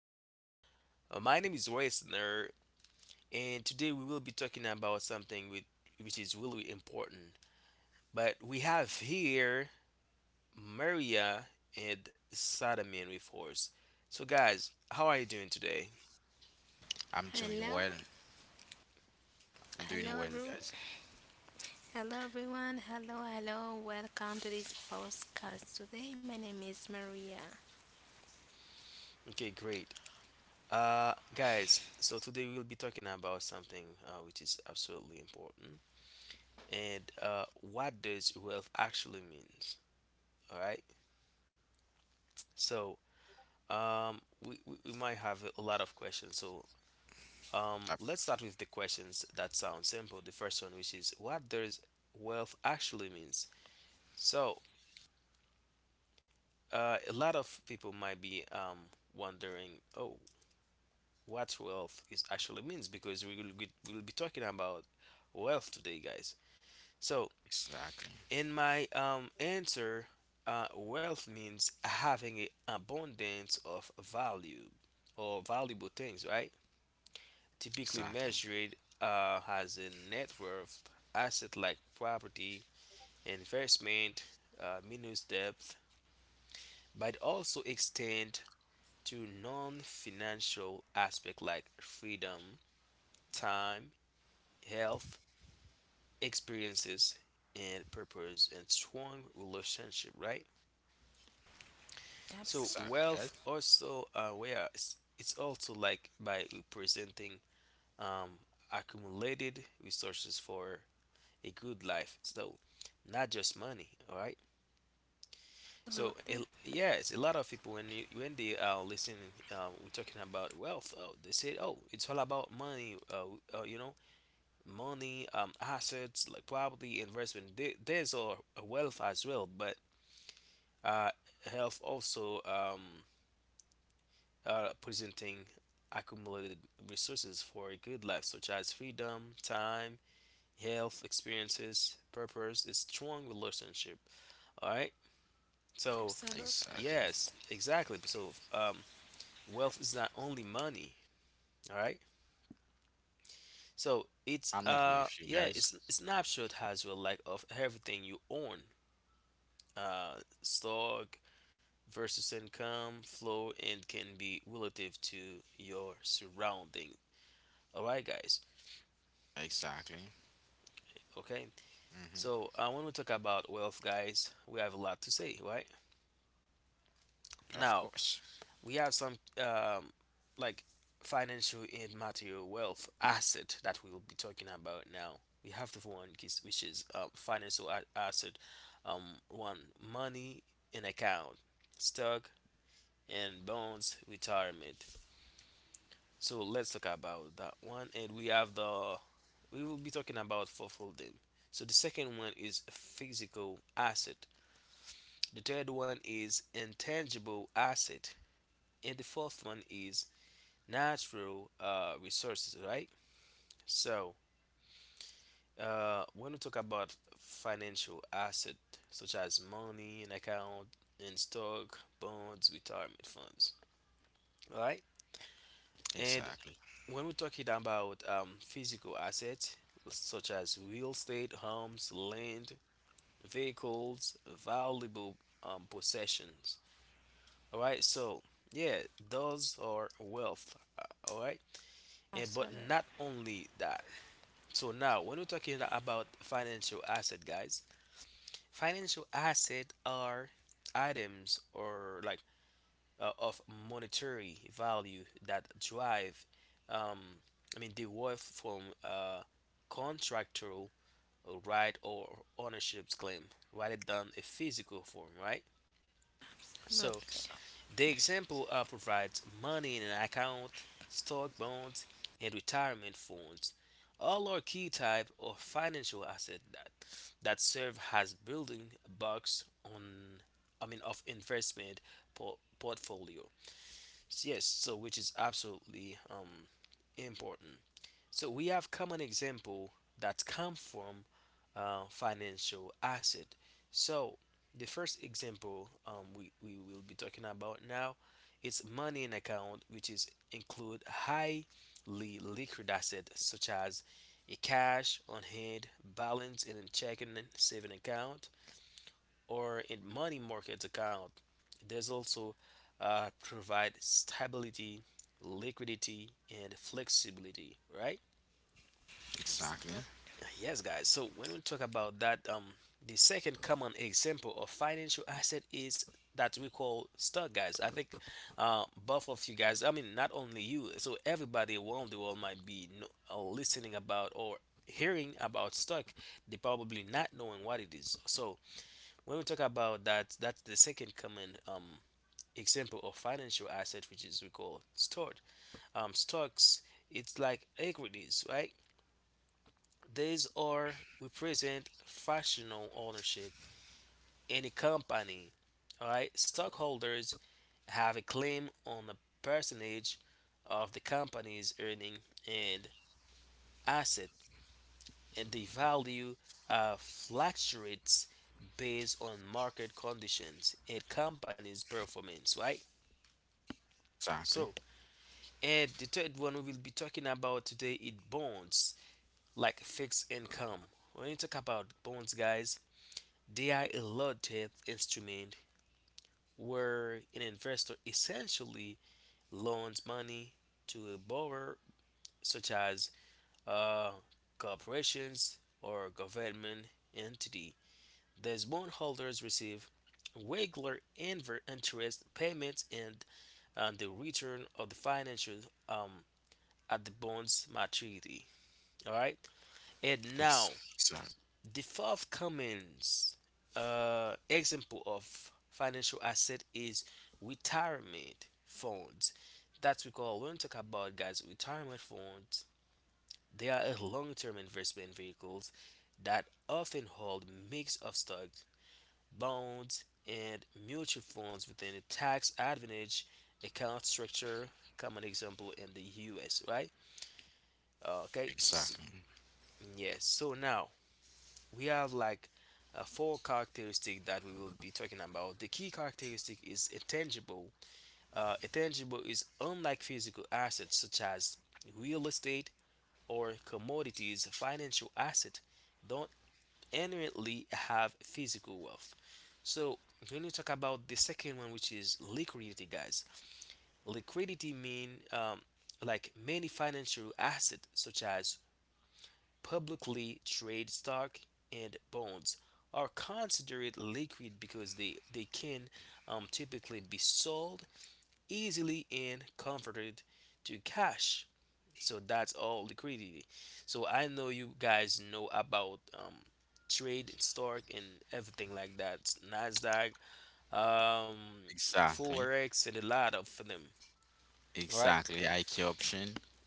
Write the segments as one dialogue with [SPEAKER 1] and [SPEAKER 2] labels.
[SPEAKER 1] know, my name is Reisner, and today we will be talking about something with, which is really important. But we have here Maria and Sadamin with us. So, guys, how are you doing today?
[SPEAKER 2] Hello,
[SPEAKER 1] Okay,
[SPEAKER 2] hello everyone, hello everyone, hello, hello, welcome to this podcast today. My name is Maria.
[SPEAKER 1] okay great. Guys, so today we'll be talking about something which is absolutely important, and what does wealth actually means. All right. So, Um, we might have a lot of questions. So, let's start with the questions that sound simple. The first one, which is what does wealth actually means? So, a lot of people might be wondering, oh, what wealth is actually means because we will be talking about wealth today, guys. So, in my answer, wealth means having an abundance of value or valuable things, right? Typically measured as a net worth asset like property, investment, minus debt, but also extend to non-financial aspects like freedom, time, health, experiences, and purpose and strong relationship, right? So
[SPEAKER 2] Absolutely,
[SPEAKER 1] wealth also where it's also like by representing um, accumulated resources for a good life. So not just money. All right. So yes, a lot of people when you, when they are listening, we're talking about wealth. They say, oh, it's all about money. Money, assets like property, investment. There's are wealth as well, but uh, health also presenting accumulated resources for a good life, such as freedom, time, health, experiences, purpose, a strong relationship. All right. So
[SPEAKER 2] absolutely,
[SPEAKER 1] yes, exactly. So, wealth is not only money, all right? So it's yeah, it's a snapshot as well, like of everything you own. Stock versus income flow and can be relative to your surrounding. All right, guys. Okay. So when we talk about wealth, guys, we have a lot to say, right? Now, we have some um, like financial and material wealth asset that we will be talking about now. We have the one which is financial asset, one money in account, stock and bonds, retirement. So let's talk about that one, and we have the we will be talking about fulfilling. So the second one is physical asset. The third one is intangible asset, and the fourth one is natural resources, right? So, when we talk about financial asset such as money, an account, and stock, bonds, retirement funds, right? And when we're talking about physical assets such as real estate, homes, land, vehicles, valuable possessions, all right? So, yeah, those are wealth, all right? And but
[SPEAKER 2] absolutely,
[SPEAKER 1] not only that, so now, when we're talking about financial asset, guys, financial asset are items or like of monetary value that um, derive from contractual right or ownership's claim rather than a physical form, right? So
[SPEAKER 2] absolutely,
[SPEAKER 1] the example provides money in an account, stock bonds, and retirement funds. All are key type of financial asset that serve as building blocks on I mean of investment portfolio. Yes, so which is absolutely important. So we have common example that come from financial asset. So the first example we will be talking about now is money in account, which is include highly liquid asset such as a cash on hand balance in a checking and saving account or in money market account. There's also provide stability, liquidity, and flexibility, right?
[SPEAKER 2] absolutely,
[SPEAKER 1] Yes, guys. So when we talk about that, the second common example of financial asset is that we call stock, guys. I think, both of you guys. I mean, not only you. So everybody around the world might be no, listening about or hearing about stock. They probably not knowing what it is. So when we talk about that, that's the second common example of financial asset, which is we call stored stocks, it's like equities, right? These are represent fractional ownership in a company. All right, stockholders have a claim on a percentage of the company's earning and asset, and the value fluctuates based on market conditions and company's performance. Right. So, and the third one we will be talking about today is bonds, like fixed income. When you talk about bonds, guys, they are a low debt instrument where an investor essentially loans money to a borrower, such as uh, corporations or government entity. These bondholders receive regular interest payments and the return of the financial um, at the bond's maturity. All right, and now the fourth common example of financial asset is retirement funds. That's we call when we talk about guys retirement funds. They are a long-term investment vehicles that often hold mix of stocks, bonds, and mutual funds within a tax advantage account structure. Common example in the U.S. Right? Okay. S yes. So now we have like four characteristic that we will be talking about. The key characteristic is intangible. Intangible is unlike physical assets such as real estate or commodities. Financial assets don't inherently have physical wealth. So when you talk about the second one, which is liquidity, guys, liquidity mean like many financial assets such as publicly traded stock and bonds are considered liquid because they can typically be sold easily and converted to cash. So that's all liquidity. So I know you guys know about trade and stock and everything like that. Nasdaq, um, Forex, and a lot of them. All right.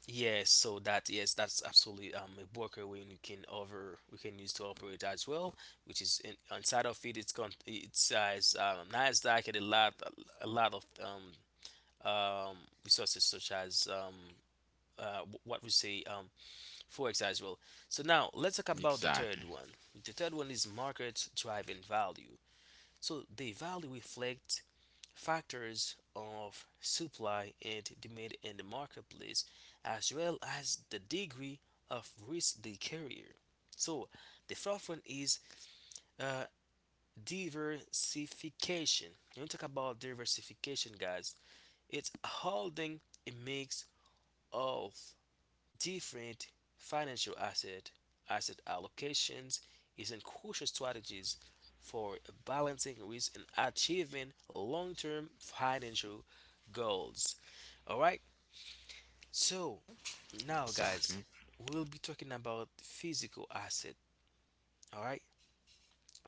[SPEAKER 1] Yes, so that yes, that's absolutely a worker we you can over we can use to operate as well, which is inside of it. It's con it's as Nasdaq and a lot of um resources such as wh- what we say forex as well. So now let's talk about the third one. The third one is market driving value. So the value reflects factors of supply and demand in the marketplace, as well as the degree of risk they carry. So, the fourth one is uh, diversification. When we talk about diversification, guys, it's holding a mix of different financial asset asset allocations is a crucial strategies for balancing risk and achieving long-term financial goals. All right. So now, guys, we'll be talking about physical asset. All right.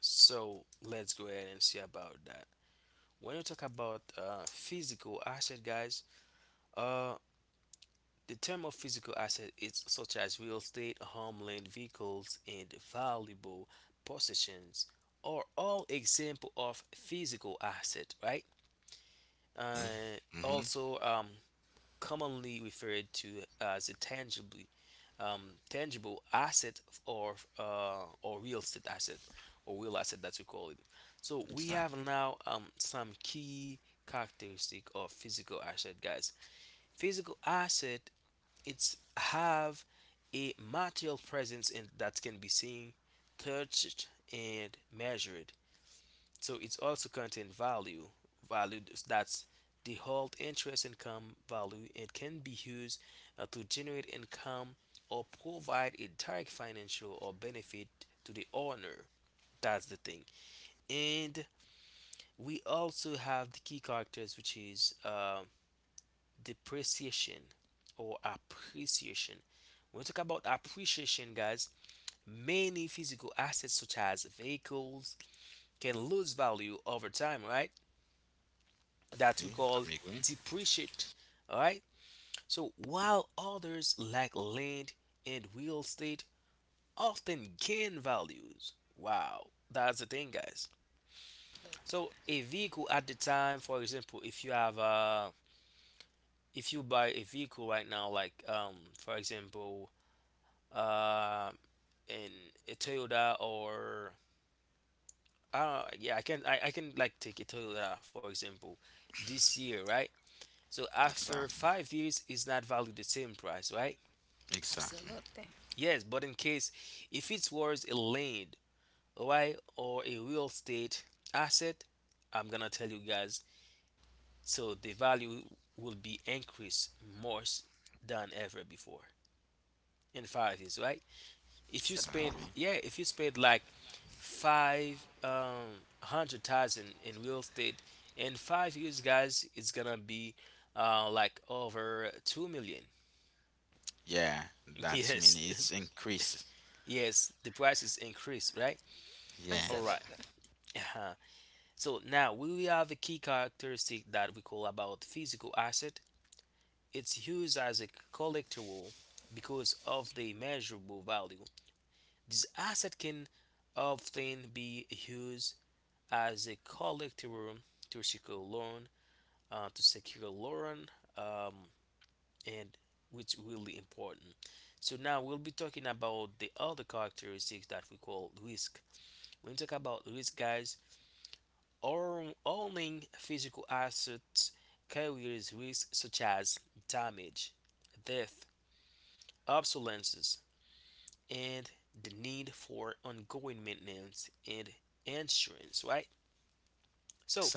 [SPEAKER 1] So let's go ahead and see about that. When you talk about physical asset, guys, uh, the term of physical asset is such as real estate, homeland, vehicles, and valuable possessions are all example of physical asset, right? Uh, also, um, commonly referred to as a tangibly tangible asset or real estate asset or real asset that we call it. So we have now some key characteristic of physical asset, guys. Physical asset it's have a material presence in that can be seen, touched, and measured. So it's also contain value, value that's the whole interest income value and can be used to generate income or provide a direct financial or benefit to the owner. That's the thing. And we also have the key characters, which is depreciation or appreciation. When we talk about appreciation, guys, many physical assets such as vehicles can lose value over time, right? That we call depreciate, all right? So while others like land and real estate often gain values. Wow, that's the thing, guys. So a vehicle at the time, for example, if you buy a vehicle right now, like for example uh, in a Toyota or yeah, I can like take a Toyota for example this year, right? So after 5 years, it's not valued the same price, right?
[SPEAKER 2] absolutely,
[SPEAKER 1] Yes, but in case if it's worth a land, right, or a real estate asset, I'm gonna tell you guys, so the value will be increased more than ever before in 5 years, right? If you spend
[SPEAKER 2] absolutely,
[SPEAKER 1] yeah if you spend like five hundred thousand in real estate in 5 years, guys, it's gonna be like over 2 million. Yes. Yes, the price is increased, right? All right.
[SPEAKER 2] absolutely,
[SPEAKER 1] Uh-huh. So now we have a key characteristic that we call about physical asset, it's used as a collectible because of the measurable value this asset can often be used as a collective to secure loan, to secure loan, um, and which will be important. So now we'll be talking about the other characteristics that we call risk. When we talk about risk, guys, owning physical assets carries risks such as damage, death, obsolescence, and the need for ongoing maintenance and insurance, right? So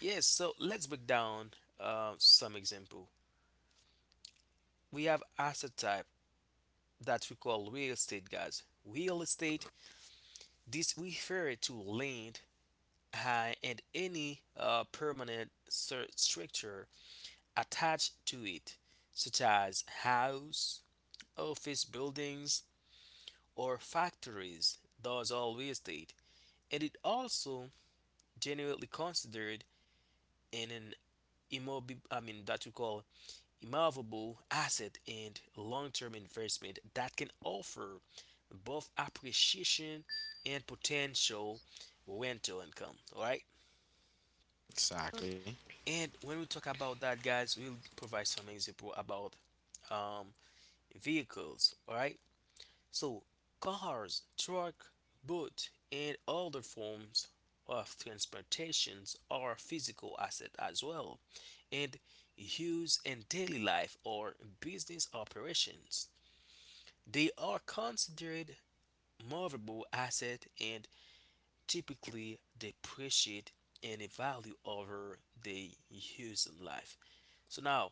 [SPEAKER 1] yes, so let's break down some example. We have asset type that we call real estate, guys. Real estate, this refer to land and any permanent structure attached to it, such as house, office buildings, or factories. Those are real estate, and it also generally considered in an immob I mean that we call immovable asset and long-term investment that can offer both appreciation and potential rental income. All right, and when we talk about that, guys, we'll provide some example about um, vehicles. All right, so cars, truck, boat, and other forms of transportations are physical asset as well, and use in daily life or business operations. They are considered movable asset and typically depreciate in a value over the use in life. So now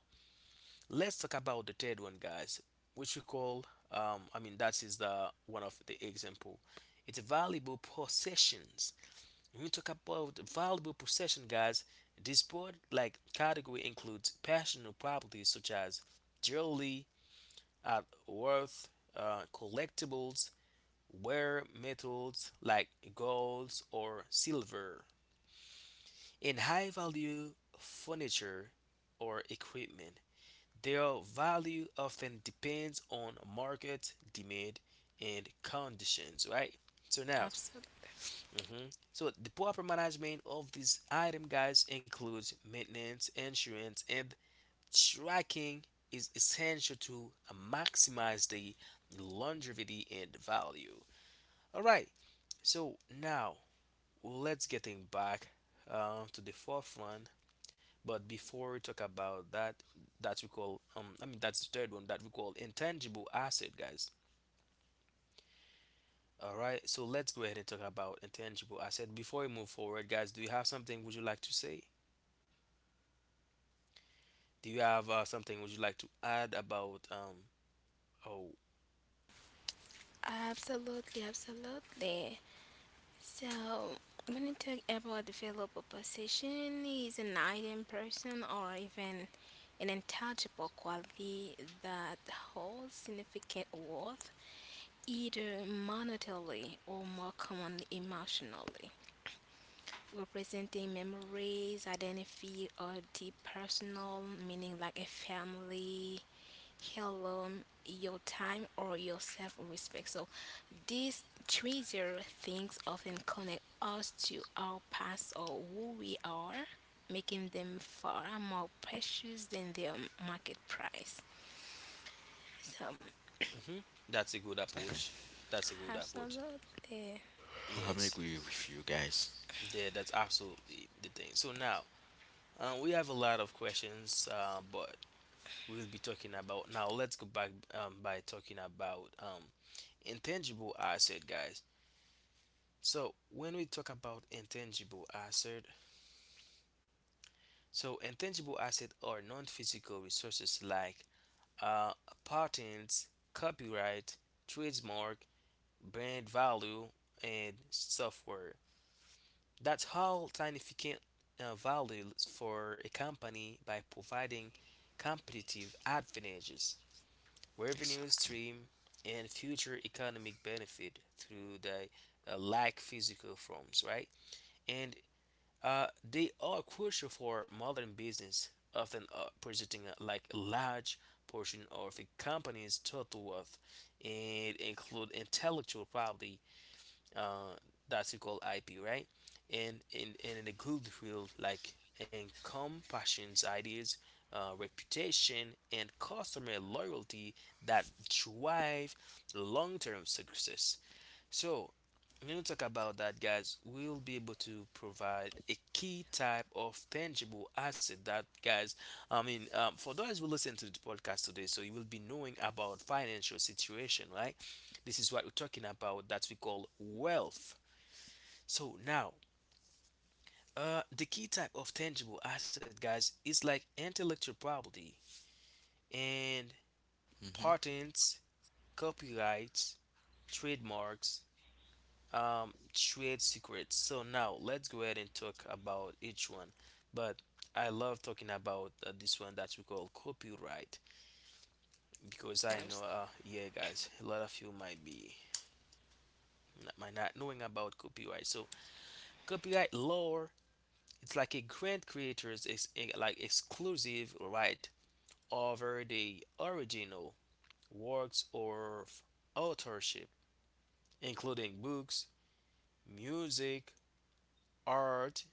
[SPEAKER 1] let's talk about the third one, guys, which we call that is the one of the example. It's valuable possessions. When we talk about valuable possession, guys, this broad like category includes personal properties such as jewelry, art worth, collectibles, rare metals like gold or silver, and high value furniture or equipment. Their value often depends on market demand and conditions, right? So now,
[SPEAKER 2] absolutely,
[SPEAKER 1] mhm, so the proper management of these items, guys, includes maintenance, insurance, and tracking is essential to maximize the longevity and value. All right. So now, well, let's getting back to the fourth one. But before we talk about that, that we call that's the third one that we call intangible asset, guys. All right, so let's go ahead and talk about intangible asset. Before we move forward, guys, do you have something would you like to say? Do you have something would you like to add about um? Oh,
[SPEAKER 2] absolutely, absolutely. So, when you talk about developer position, is an item person or even an intangible quality that holds significant worth, either monetarily or more commonly emotionally, representing memories, identity, or deep personal meaning like a family, heirloom, your time, or your self respect. So, these treasure things often connect us to our past or who we are, making them far more precious than their market price. So,
[SPEAKER 1] hmm, that's a good approach. That's a good approach.
[SPEAKER 2] absolutely.
[SPEAKER 1] Yes, yeah, that's absolutely the thing. So now, we have a lot of questions, but we'll be talking about. Now, let's go back by talking about intangible asset, guys. So, when we talk about intangible asset, so intangible asset are non-physical resources like uh, patents, copyright, trademark, brand value, and software. That's how significant value for a company by providing competitive advantages, revenue stream, and future economic benefit through the like physical forms, right? And they are crucial for modern business, often presenting a, like a large portion of a company's total worth, and include intellectual property, uh, that's called IP, right? And in the good field like income, passions, ideas, reputation, and customer loyalty that drive long-term success. So, when we talk about that, guys, we'll be able to provide a key type of tangible asset that, guys, for those who listen to the podcast today, so you will be knowing about financial situation, right? This is what we're talking about that we call wealth. So now, the key type of tangible asset, guys, is like intellectual property and patents, copyrights, trademarks, trade secrets. So now let's go ahead and talk about each one. But I love talking about this one that we call copyright, because I know,
[SPEAKER 2] Abs-
[SPEAKER 1] yeah, guys, a lot of you might be not, might not knowing about copyright. So copyright law, it's like a grant creator's like exclusive right over the original works or authorship, including books, music, art,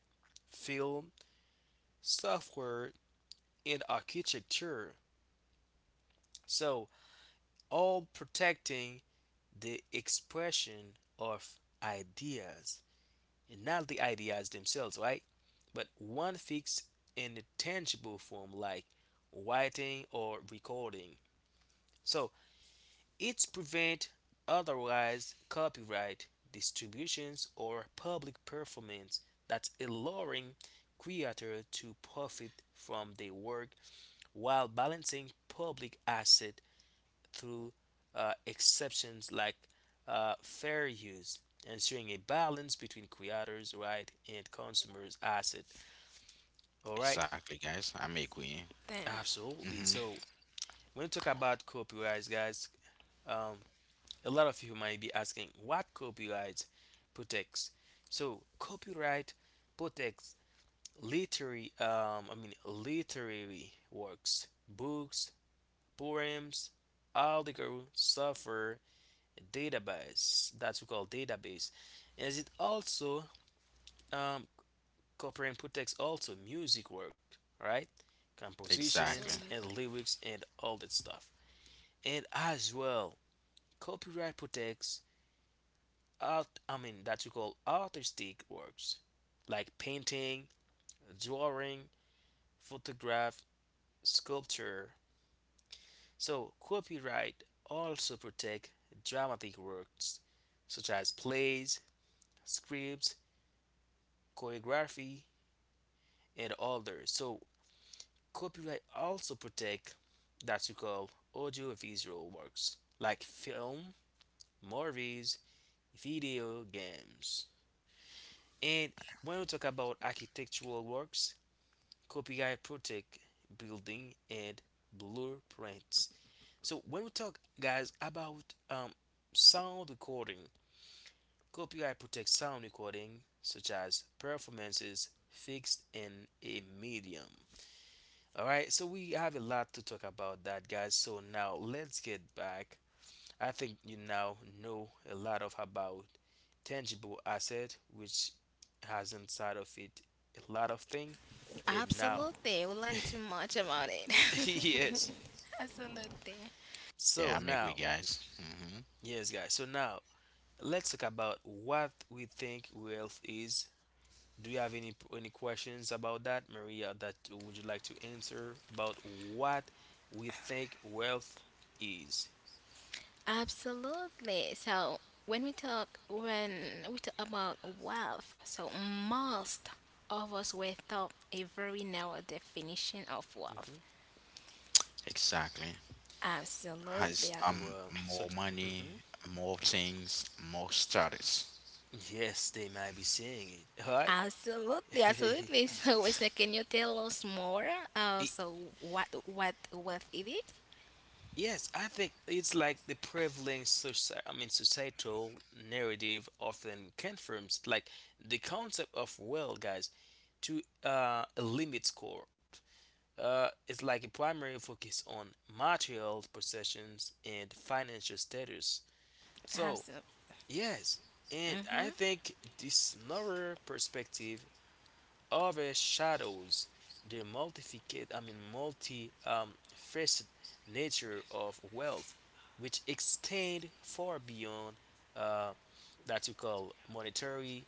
[SPEAKER 1] film, software, in architecture. So, all protecting the expression of ideas, and not the ideas themselves, right? But one fixed in a tangible form like writing or recording. So, it's prevent otherwise copyright distributions or public performance that's allowing creator to profit from their work while balancing public asset through exceptions like fair use, ensuring a balance between creators' right and consumers' asset. All right,
[SPEAKER 2] damn,
[SPEAKER 1] absolutely. So when you talk about copyrights, guys, um, a lot of you might be asking what copyright protects. So copyright protects literary, literary works, books, poems, articles, software, database that we call database, as it also um copyright protects also music work, right, compositions and
[SPEAKER 2] Absolutely.
[SPEAKER 1] lyrics and all that stuff. And as well, copyright protects art I mean that we call artistic works like painting, drawing, photograph, sculpture. So copyright also protect dramatic works such as plays, scripts, choreography, and others. So copyright also protect that you call audiovisual works like film, movies, video games. And when we talk about architectural works, copyright protect building and blueprints. So when we talk, guys, about sound recording, copyright protects sound recording such as performances fixed in a medium. All right, so we have a lot to talk about that, guys. So now let's get back. I think you now know a lot of about tangible asset, which has inside of it a lot of thing. And now,
[SPEAKER 2] Absolutely. We learned too much about it.
[SPEAKER 1] yes.
[SPEAKER 2] absolutely.
[SPEAKER 1] So now, yes, guys. So now let's talk about what we think wealth is. Do you have any questions about that, Maria? That would you like to answer about what we think wealth is?
[SPEAKER 2] Absolutely. So when we talk about wealth, so most of us were taught a very narrow definition of
[SPEAKER 1] Hmm.
[SPEAKER 2] wealth. Absolutely.
[SPEAKER 1] Well, so, hmm, yes, they might be seeing it. All right.
[SPEAKER 2] Absolutely, absolutely. So Wesley, can you tell us more? Uh,
[SPEAKER 1] It-
[SPEAKER 2] so what wealth it is?
[SPEAKER 1] Yes, I think it's like the prevailing societal narrative often confirms like the concept of well, guys, to a limit score. It's like a primary focus on material possessions and financial status. So,
[SPEAKER 2] Absolutely.
[SPEAKER 1] yes, and I think this narrow perspective overshadows the multificate, I mean, multi faceted nature of wealth, which extend far beyond uh, that you call monetary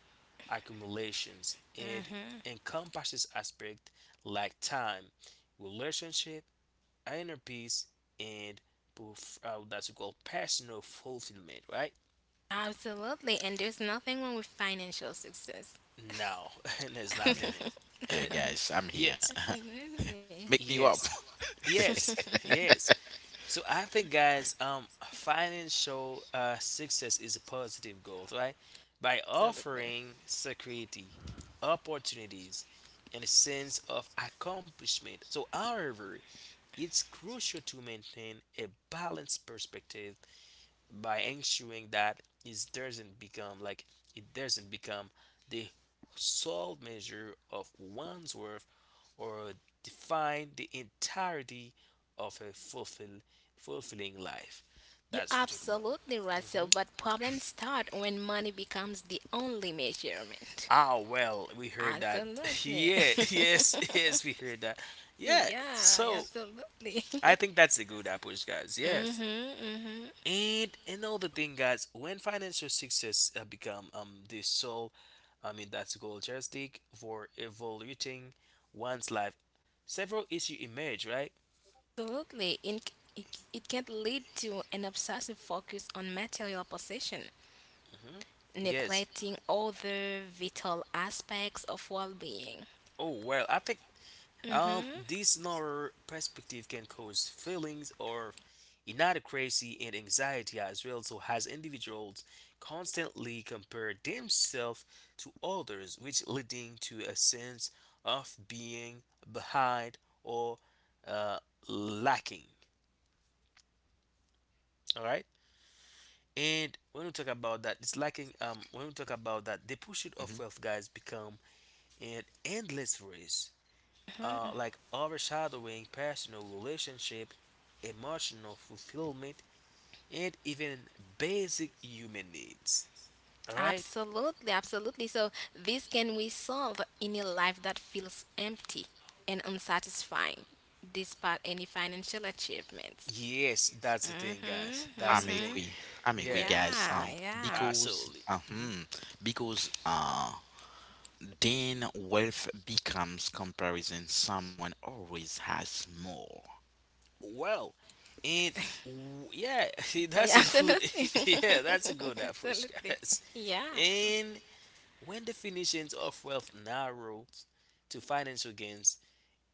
[SPEAKER 1] accumulations. It encompasses aspects like time, relationship, inner peace, and that you call personal fulfillment, right?
[SPEAKER 2] Absolutely, and there's nothing wrong with financial success.
[SPEAKER 1] No, and there's nothing. Yes,
[SPEAKER 2] Absolutely.
[SPEAKER 1] yes, yes, yes. So I think, guys, financial success is a positive goal, right? By
[SPEAKER 2] Absolutely.
[SPEAKER 1] offering security, opportunities, and a sense of accomplishment. So, however, it's crucial to maintain a balanced perspective by ensuring that it doesn't become the sole measure of one's worth, or define the entirety of a fulfilling life.
[SPEAKER 2] You're
[SPEAKER 1] That's what we're talking
[SPEAKER 2] absolutely right,
[SPEAKER 1] about.
[SPEAKER 2] so
[SPEAKER 1] Mhm.
[SPEAKER 2] but problems start when money becomes the only measurement.
[SPEAKER 1] Ah, well, we heard that.
[SPEAKER 2] Absolutely.
[SPEAKER 1] Yeah, yes, yes, we heard that. Yeah,
[SPEAKER 2] yeah,
[SPEAKER 1] so
[SPEAKER 2] absolutely.
[SPEAKER 1] I think that's a good approach, guys. Yes.
[SPEAKER 2] mhm, mhm.
[SPEAKER 1] And another thing, guys, when financial success become the sole, I mean that's goal joystick for evaluating one's life, several issues emerge, right?
[SPEAKER 2] Absolutely. It can lead to an obsessive focus on material possession,
[SPEAKER 1] Hmm. Yes,
[SPEAKER 2] neglecting other vital aspects of well being.
[SPEAKER 1] oh, well, I think this narrow perspective can cause feelings of inadequacy and anxiety as well. So, as individuals constantly compare themselves to others, which leading to a sense of being behind or uh, lacking. All right. And when we talk about that, it's lacking. When we talk about that, the pursuit of wealth, guys, become an endless race like overshadowing personal relationship, emotional fulfillment, and even basic human needs. Alright?
[SPEAKER 2] Absolutely, absolutely. So this can resolve any life that feels empty and unsatisfying, despite any financial achievements.
[SPEAKER 1] Yes, that's the thing, guys.
[SPEAKER 2] Mhm,
[SPEAKER 1] That's the thing.
[SPEAKER 2] mhm.
[SPEAKER 1] Yeah,
[SPEAKER 2] Yeah, yeah,
[SPEAKER 1] absolutely. Hmm. Well, and yeah, that's
[SPEAKER 2] yeah.
[SPEAKER 1] a good,
[SPEAKER 2] Absolutely,
[SPEAKER 1] yeah, that's a good approach,
[SPEAKER 2] absolutely.
[SPEAKER 1] guys.
[SPEAKER 2] Yeah,
[SPEAKER 1] And when definitions of wealth narrow to financial gains,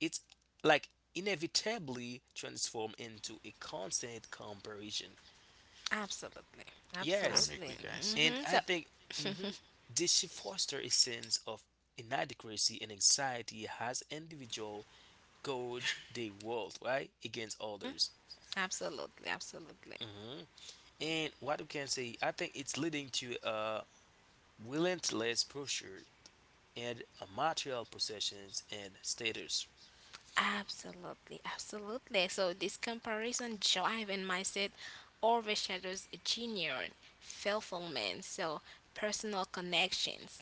[SPEAKER 1] it's like inevitably transform into a constant comparison.
[SPEAKER 2] absolutely,
[SPEAKER 1] Yes,
[SPEAKER 2] absolutely.
[SPEAKER 1] and
[SPEAKER 2] Mhm.
[SPEAKER 1] I
[SPEAKER 2] So
[SPEAKER 1] think, mhm, this should foster a sense of inadequacy and anxiety as individual gauge their worth right against others.
[SPEAKER 2] absolutely, absolutely.
[SPEAKER 1] Hmm. And what we can say, I think it's leading to a relentless pursuit and a material possessions and status,
[SPEAKER 2] Absolutely, absolutely. So this comparison drive and mindset overshadows genuine fulfillment, so personal connections.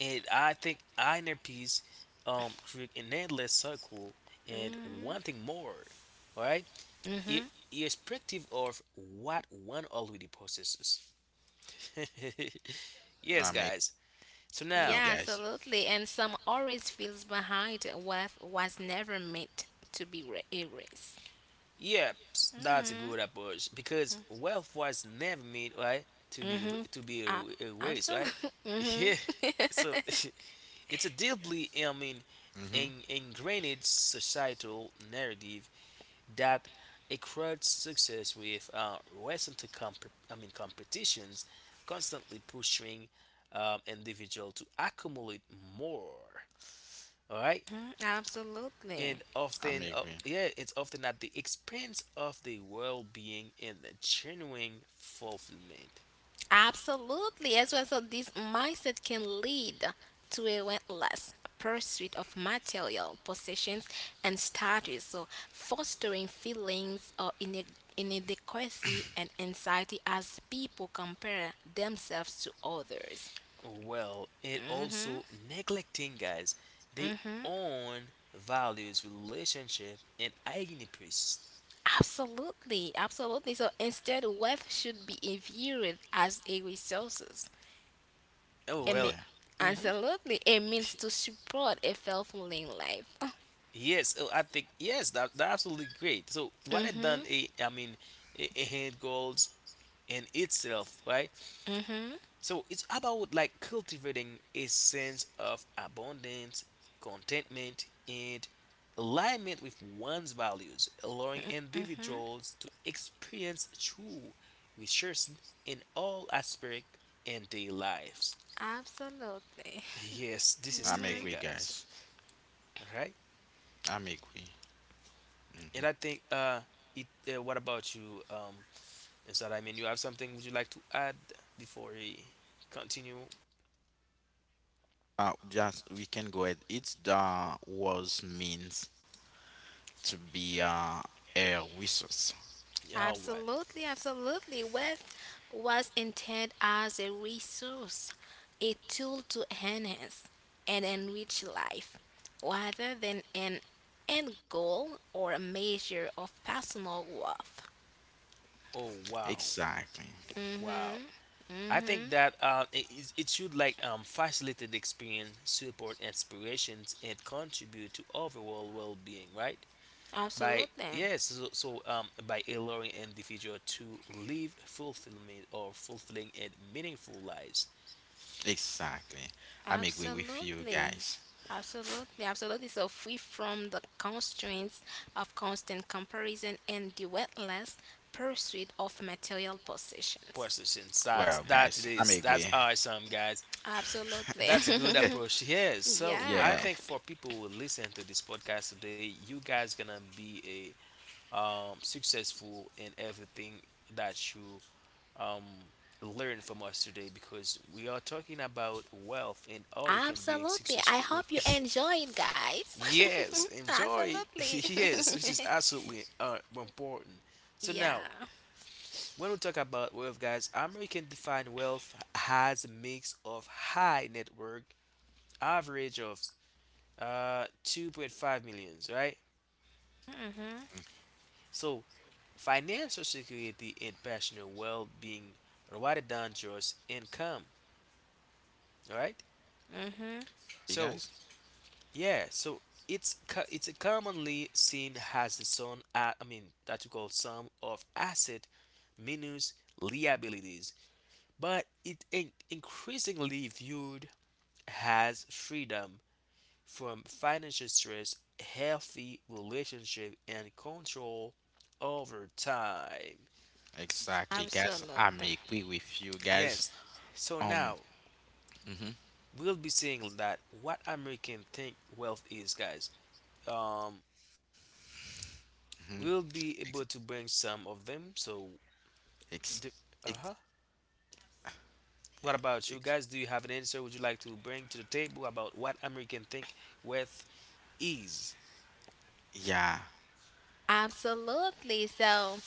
[SPEAKER 1] and I think inner peace create an endless circle and wanting more. All right, I- irrespective of what one already possesses. Yes, guys. So now,
[SPEAKER 2] Yeah, absolutely. And some always feels behind what was never meant to be erased.
[SPEAKER 1] yep, that's a
[SPEAKER 2] Mhm.
[SPEAKER 1] good approach because wealth was never made right to be
[SPEAKER 2] Mhm.
[SPEAKER 1] to be
[SPEAKER 2] Uh,
[SPEAKER 1] a waste, right?
[SPEAKER 2] absolutely. Mhm.
[SPEAKER 1] Yeah. So it's a deeply, I mean, ingrained societal narrative that accrued success with recent competitions constantly pushing individual to accumulate more. All right,
[SPEAKER 2] Mhm.
[SPEAKER 1] and
[SPEAKER 2] Absolutely.
[SPEAKER 1] often, yeah, it's often at the expense of the well-being and the genuine fulfillment.
[SPEAKER 2] Absolutely, as well. So this mindset can lead to a relentless pursuit of material possessions and status, so fostering feelings of inadequacy and anxiety as people compare themselves to others.
[SPEAKER 1] Well, and
[SPEAKER 2] Hmm.
[SPEAKER 1] also neglecting, guys, they
[SPEAKER 2] Hmm.
[SPEAKER 1] own values, relationship, and identities.
[SPEAKER 2] Absolutely, absolutely. So instead, wealth should be viewed as a resources.
[SPEAKER 1] Oh
[SPEAKER 2] I
[SPEAKER 1] well.
[SPEAKER 2] mean,
[SPEAKER 1] Hmm.
[SPEAKER 2] absolutely, it means to support a fulfilling life.
[SPEAKER 1] Yes, oh, I think yes, that that's absolutely great. So rather than
[SPEAKER 2] hmm.
[SPEAKER 1] a hand goals in itself, right?
[SPEAKER 2] Mm-hmm.
[SPEAKER 1] So it's about like cultivating a sense of abundance, contentment, and alignment with one's values, allowing individuals to experience true resources in all aspects in their lives.
[SPEAKER 2] Absolutely.
[SPEAKER 1] Yes, this is the
[SPEAKER 2] Mm-hmm.
[SPEAKER 1] thing, guys. All right, and I think it. What about you, instead, I mean, you have something would you like to add before we continue? Yeah, all right.
[SPEAKER 2] Absolutely, absolutely. Wealth was intended as a resource, a tool to enhance and enrich life, rather than an end goal or a measure of personal worth.
[SPEAKER 1] Oh, wow. Wow.
[SPEAKER 2] Mm-hmm.
[SPEAKER 1] I think
[SPEAKER 2] Mm-hmm.
[SPEAKER 1] that it should like facilitate the experience, support inspirations, and contribute to overall well-being, right? By
[SPEAKER 2] Absolutely.
[SPEAKER 1] yes, so, so by allowing an individual to live fulfillment or fulfilling and meaningful lives.
[SPEAKER 2] Absolutely. Absolutely, absolutely. So free from the constraints of constant comparison and the relentless pursuit of material possessions.
[SPEAKER 1] Processing that's that it is. That's awesome, guys. That's a good
[SPEAKER 2] Absolutely.
[SPEAKER 1] approach. Yes. So
[SPEAKER 2] yeah.
[SPEAKER 1] I think for people who listen to this podcast today, you guys gonna be a successful in everything that you um learn from us today because we are talking about wealth and how you can be
[SPEAKER 2] Absolutely. I
[SPEAKER 1] successful.
[SPEAKER 2] hope you enjoy it, guys.
[SPEAKER 1] Yes, enjoy it.
[SPEAKER 2] absolutely.
[SPEAKER 1] Yes, which is absolutely important. So
[SPEAKER 2] yeah.
[SPEAKER 1] now. When we talk about wealth, guys, American defined wealth has a mix of high net worth, average of 2.5 millions, right?
[SPEAKER 2] Mhm.
[SPEAKER 1] So financial security and personal well-being rather than just income, all right.
[SPEAKER 2] Mhm.
[SPEAKER 1] So yeah so it's commonly seen as the sum, that we call sum of asset minus liabilities, but it increasingly viewed as freedom from financial stress, healthy relationship, and control over time.
[SPEAKER 2] Absolutely.
[SPEAKER 1] Yes. So now we'll be seeing that what American think wealth is, guys. Um, we'll be able to bring some of them. So, the, uh huh. what about you guys? Do you have an answer? Would you like to bring to the table about what American think wealth is?
[SPEAKER 2] Absolutely. So,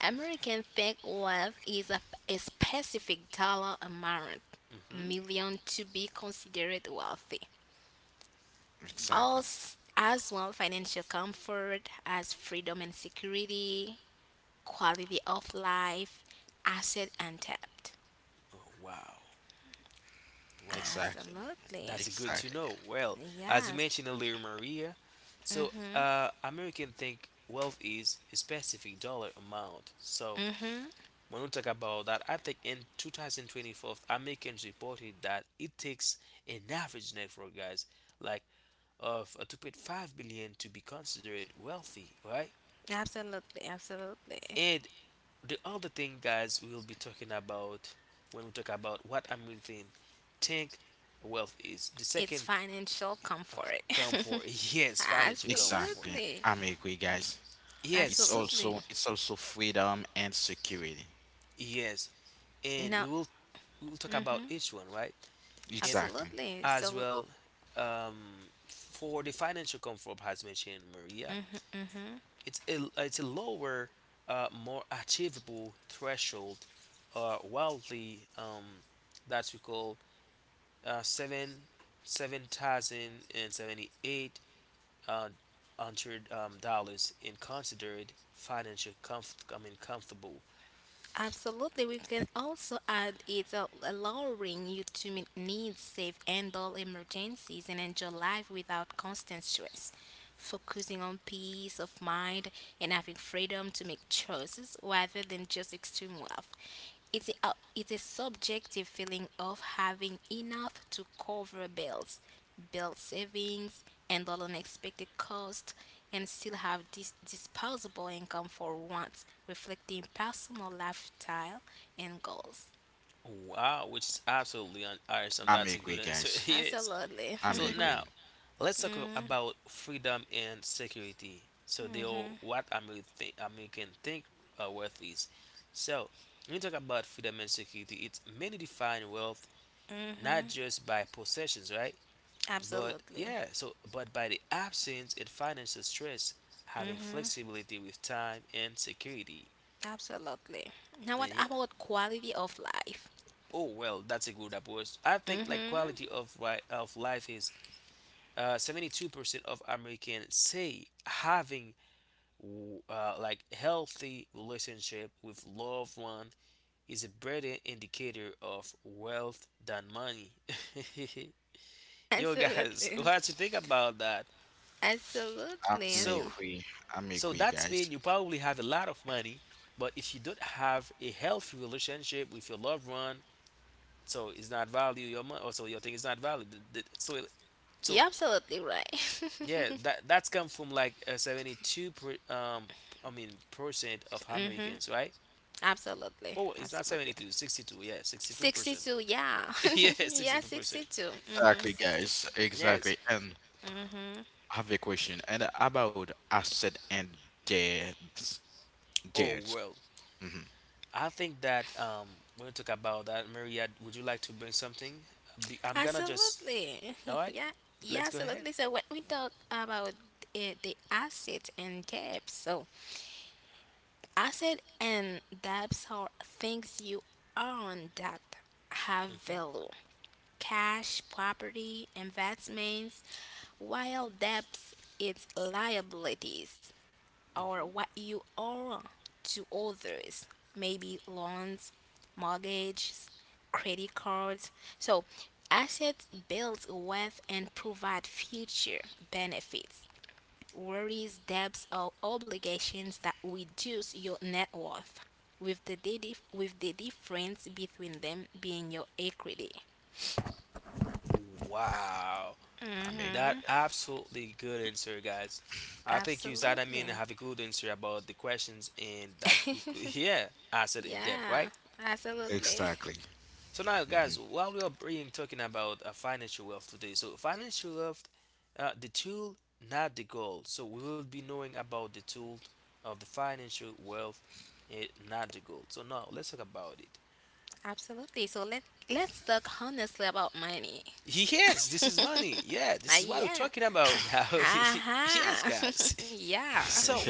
[SPEAKER 2] American fake wealth is a specific dollar amount,
[SPEAKER 1] Mm-hmm.
[SPEAKER 2] million to be considered wealthy. Also, as well, financial comfort as freedom and security, quality of life, asset untapped.
[SPEAKER 1] Oh wow, wow.
[SPEAKER 2] Absolutely.
[SPEAKER 1] That's good to know. Well, as you
[SPEAKER 2] Yes.
[SPEAKER 1] mentioned earlier, Maria. So, American think wealth is a specific dollar amount. So
[SPEAKER 2] Mm-hmm.
[SPEAKER 1] when we talk about that, I think in 2024, Americans reported that it takes an average network, guys, like of 2.5 billion to be considered wealthy, right?
[SPEAKER 2] Absolutely. Absolutely.
[SPEAKER 1] And the other thing, guys, we'll be talking about when we talk about what Americans think wealth is. The
[SPEAKER 2] It's
[SPEAKER 1] second
[SPEAKER 2] financial
[SPEAKER 1] uh,
[SPEAKER 2] comfort.
[SPEAKER 1] comfort, yes, financial comfort,
[SPEAKER 2] Absolutely.
[SPEAKER 1] yes, so
[SPEAKER 2] Absolutely.
[SPEAKER 1] yes, and we
[SPEAKER 2] No,
[SPEAKER 1] will we will talk about each one, right? And
[SPEAKER 2] absolutely.
[SPEAKER 1] as
[SPEAKER 2] So,
[SPEAKER 1] well, for the financial comfort, as mentioned Maria, it's a lower, more achievable threshold, wildly, that we call seven seven thousand and seventy eight uh, hundred dollars in considered financial comfort. I mean comfortable.
[SPEAKER 2] absolutely, we can also add it, allowing you to meet needs, save, handle emergencies, and enjoy life without constant stress. Focusing on peace of mind and having freedom to make choices rather than just extreme wealth. It's a subjective feeling of having enough to cover bills, build savings, handle unexpected costs, and still have disposable income for once, reflecting personal lifestyle and goals.
[SPEAKER 1] Wow, which is absolutely awesome. That's a good answer. yes.
[SPEAKER 2] Absolutely.
[SPEAKER 1] So now let's about freedom and security. So they are what American think wealth is. So when you talk about freedom and security, it's many define wealth not
[SPEAKER 2] hmm.
[SPEAKER 1] just by possessions, right? But
[SPEAKER 2] Absolutely.
[SPEAKER 1] yeah, so but by the absence and financial stress, having
[SPEAKER 2] Hmm.
[SPEAKER 1] flexibility with time and security.
[SPEAKER 2] Absolutely. Now, what
[SPEAKER 1] And yeah,
[SPEAKER 2] about quality of life?
[SPEAKER 1] oh well, that's a good approach. I think like
[SPEAKER 2] Hmm.
[SPEAKER 1] quality of right of life is 72% of Americans say having like healthy relationship with loved one is a better indicator of wealth than money. Yo guys,
[SPEAKER 2] Absolutely.
[SPEAKER 1] what you think about that?
[SPEAKER 2] Absolutely.
[SPEAKER 1] So,
[SPEAKER 2] Absolutely.
[SPEAKER 1] so that's mean you probably have a lot of money, but if you don't have a healthy relationship with your loved one, so it's not value your money. Also, your thing is not value. So, so
[SPEAKER 2] You're absolutely
[SPEAKER 1] yeah,
[SPEAKER 2] right.
[SPEAKER 1] that that's come from like 72 percent of
[SPEAKER 2] hmm.
[SPEAKER 1] Americans, right?
[SPEAKER 2] Absolutely.
[SPEAKER 1] Oh, it's not
[SPEAKER 2] Absolutely.
[SPEAKER 1] 72, 62. Yeah, 62%.
[SPEAKER 2] 62, yeah.
[SPEAKER 1] Yeah,
[SPEAKER 2] yeah,
[SPEAKER 1] 62%.
[SPEAKER 2] 62. Mm-hmm, 62.
[SPEAKER 1] Yes. Oh, well, I think that we'll talk about that, Maria, would you like to bring something? I'm gonna just,
[SPEAKER 2] Absolutely.
[SPEAKER 1] all right,
[SPEAKER 2] Yeah, yeah,
[SPEAKER 1] let's go ahead.
[SPEAKER 2] absolutely. So when we talk about it, the asset and debts, so asset and debts are things you own that have
[SPEAKER 1] Mhm,
[SPEAKER 2] value. Cash, property, investments, while debts it's liabilities or
[SPEAKER 1] mhm.
[SPEAKER 2] what you owe to others, maybe loans, mortgages, credit cards. So, assets build wealth and provide future benefits. Worries, debts, or obligations that reduce your net worth, with the difference between them being your equity.
[SPEAKER 1] Wow, that
[SPEAKER 2] Mhm.
[SPEAKER 1] absolutely good answer, guys. I think you said, I mean, have
[SPEAKER 2] Absolutely.
[SPEAKER 1] a good answer about the questions and that we could, yeah, asset in depth, right?
[SPEAKER 2] yeah. Absolutely.
[SPEAKER 1] So now, guys, while we are being talking about financial wealth today, so financial wealth, the tool, not the goal. So we will be knowing about the tool of the financial wealth, not the goal. So now let's talk about it.
[SPEAKER 2] Absolutely. So let's talk honestly about money.
[SPEAKER 1] Yes, this is money. Yeah, this is what we're
[SPEAKER 2] Yeah.
[SPEAKER 1] talking about now. yes,
[SPEAKER 2] Aha.
[SPEAKER 1] guys.
[SPEAKER 2] yeah.
[SPEAKER 1] So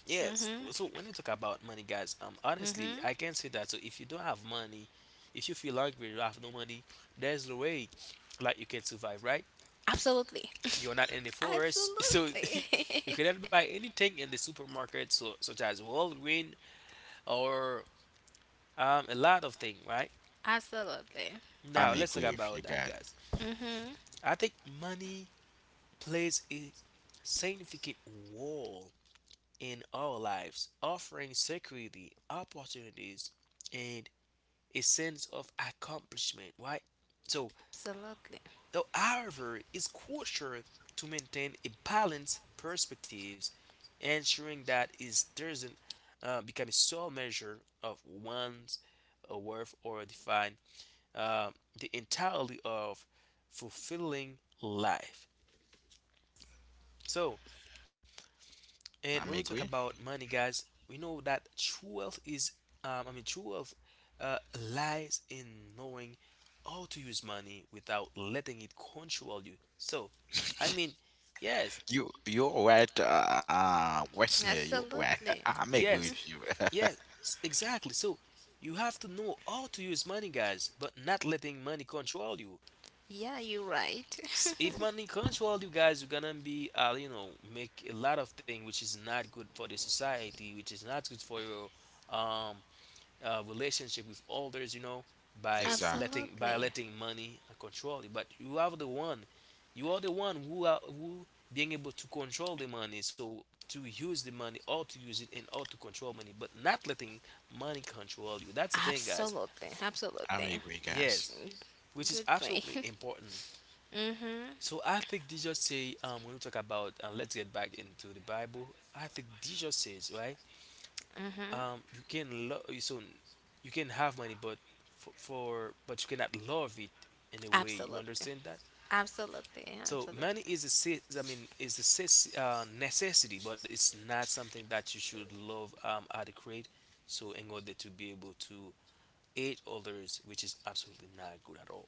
[SPEAKER 1] yes,
[SPEAKER 2] Mhm.
[SPEAKER 1] so when you talk about money, guys, honestly,
[SPEAKER 2] Mhm.
[SPEAKER 1] I can say that. So if you don't have money, if you feel hungry, you have no money, there's no way, like you can survive, right?
[SPEAKER 2] Absolutely.
[SPEAKER 1] You're not in the forest, so you
[SPEAKER 2] Absolutely.
[SPEAKER 1] cannot buy anything in the supermarket, so such as Walgreens or a lot of things, right?
[SPEAKER 2] Absolutely.
[SPEAKER 1] Now let's talk about that, guys.
[SPEAKER 2] Mhm.
[SPEAKER 1] I think money plays a significant role in our lives, offering security, opportunities, and a sense of accomplishment, right? So
[SPEAKER 2] Absolutely.
[SPEAKER 1] however, it's crucial to maintain a balanced perspective, ensuring that it doesn't become a sole measure of one's worth or define uh, the entirety of fulfilling life. So, and when we talk about money, guys, we know that true wealth is, true wealth lies in knowing how to use money without letting it control you. So, I mean, yes,
[SPEAKER 2] Absolutely.
[SPEAKER 1] yes, yes, exactly. So, you have to know how to use money, guys, but not letting money control you.
[SPEAKER 2] Yeah, you're right.
[SPEAKER 1] If money control you guys, you're gonna be, you know, make a lot of things which is not good for the society, which is not good for your, um, relationship with others by letting by
[SPEAKER 2] Absolutely.
[SPEAKER 1] letting money control you, but you are the one, who are who being able to control the money, so to use the money or to use it and or to control money, but not letting money control you. That's the thing, guys,
[SPEAKER 2] Absolutely. Absolutely.
[SPEAKER 1] yes, which is
[SPEAKER 2] Good
[SPEAKER 1] absolutely
[SPEAKER 2] point.
[SPEAKER 1] important.
[SPEAKER 2] mhm.
[SPEAKER 1] So I think Jesus say, when we talk about, let's get back into the Bible. I think Jesus says, right, you can love, so you can have money, but for but you cannot love it in a way, you
[SPEAKER 2] Absolutely.
[SPEAKER 1] understand that.
[SPEAKER 2] Absolutely.
[SPEAKER 1] So
[SPEAKER 2] Absolutely.
[SPEAKER 1] money is a se- I mean is a ses- necessity, but it's not something that you should love adequate, so in order to be able to aid others, which is absolutely not good at all,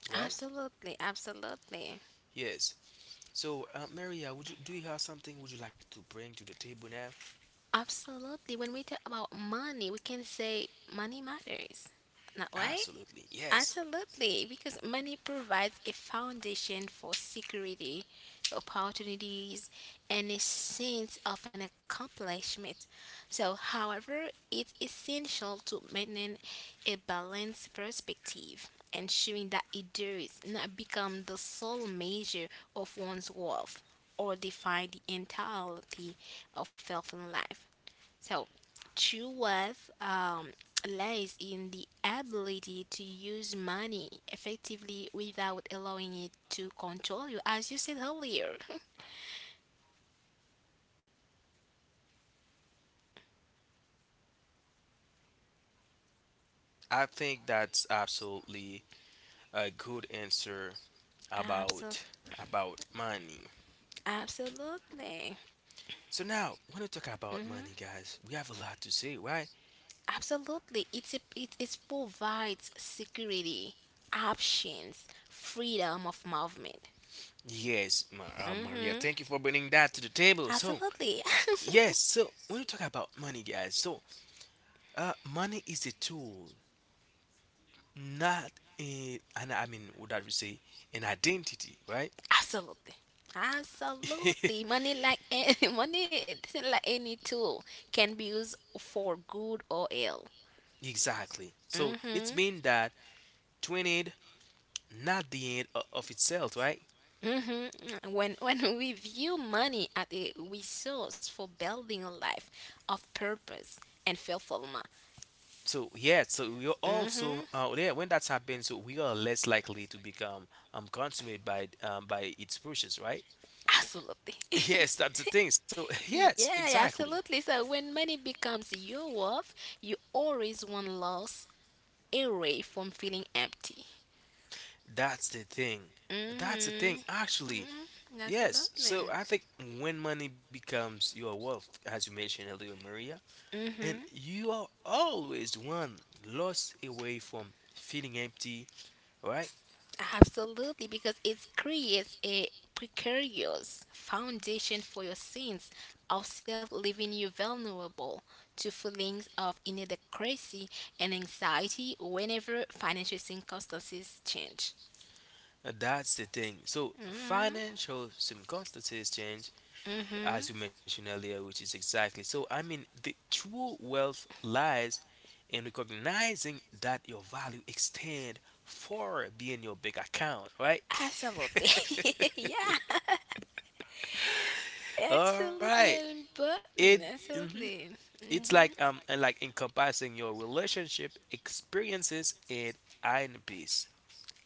[SPEAKER 1] right?
[SPEAKER 2] Absolutely. Absolutely.
[SPEAKER 1] Yes. So Maria, would you do you have something would you like to bring to the table now?
[SPEAKER 2] Absolutely. When we talk about money, we can say money matters. Not right?
[SPEAKER 1] Absolutely. Yes.
[SPEAKER 2] Absolutely. Because money provides a foundation for security, opportunities, and a sense of an accomplishment. So, however, it's essential to maintain a balanced perspective, ensuring that it does not become the sole measure of one's worth or define the entirety of health and life. So, true wealth lies in the ability to use money effectively without allowing it to control you, as you said earlier.
[SPEAKER 1] I think that's absolutely a good answer
[SPEAKER 2] Absolutely.
[SPEAKER 1] about money.
[SPEAKER 2] Absolutely.
[SPEAKER 1] So now, when we talk about
[SPEAKER 2] Hmm.
[SPEAKER 1] money, guys, we have a lot to say, right?
[SPEAKER 2] Absolutely. It provides security, options, freedom of movement.
[SPEAKER 1] Yes, Maria,
[SPEAKER 2] Hmm.
[SPEAKER 1] thank you for bringing that to the table. So,
[SPEAKER 2] Absolutely.
[SPEAKER 1] yes, so when we talk about money, guys, so money is a tool, not in and I mean would I would say an identity, right?
[SPEAKER 2] Absolutely. Absolutely. Money like a- money like any tool can be used for good or ill.
[SPEAKER 1] Exactly. So it's
[SPEAKER 2] Mhm.
[SPEAKER 1] mean that to an end, not the of itself, right?
[SPEAKER 2] Mhm. When we view money as a resource for building a life of purpose and fulfillment.
[SPEAKER 1] So yeah, so we are also
[SPEAKER 2] Mhm.
[SPEAKER 1] yeah, when that happens, so we are less likely to become consumed by its pushes, right?
[SPEAKER 2] Absolutely.
[SPEAKER 1] Yes, that's the thing. So yes,
[SPEAKER 2] yeah,
[SPEAKER 1] exactly.
[SPEAKER 2] absolutely. So when money becomes your wealth, you always want loss away from feeling empty.
[SPEAKER 1] That's the thing. That's the thing,
[SPEAKER 2] Mhm.
[SPEAKER 1] actually.
[SPEAKER 2] Mhm.
[SPEAKER 1] Yes.
[SPEAKER 2] Absolutely.
[SPEAKER 1] So I think when money becomes your wealth, as you mentioned earlier, Maria, and
[SPEAKER 2] Mm-hmm.
[SPEAKER 1] you are always one loss away from feeling empty, right?
[SPEAKER 2] Absolutely, because it creates a precarious foundation for your sins of self, leaving you vulnerable to feelings of inadequacy and anxiety whenever financial circumstances change.
[SPEAKER 1] That's the thing. So
[SPEAKER 2] Mm-hmm.
[SPEAKER 1] financial circumstances change, as
[SPEAKER 2] Mm-hmm.
[SPEAKER 1] you mentioned earlier, which is exactly so. I mean, the true wealth lies in recognizing that your value extend far beyond your bank account, right?
[SPEAKER 2] Absolutely. yeah.
[SPEAKER 1] All right.
[SPEAKER 2] Absolutely
[SPEAKER 1] It
[SPEAKER 2] important.
[SPEAKER 1] mhm.
[SPEAKER 2] Absolutely.
[SPEAKER 1] It's
[SPEAKER 2] Mm-hmm.
[SPEAKER 1] like encompassing your relationship experiences and peace.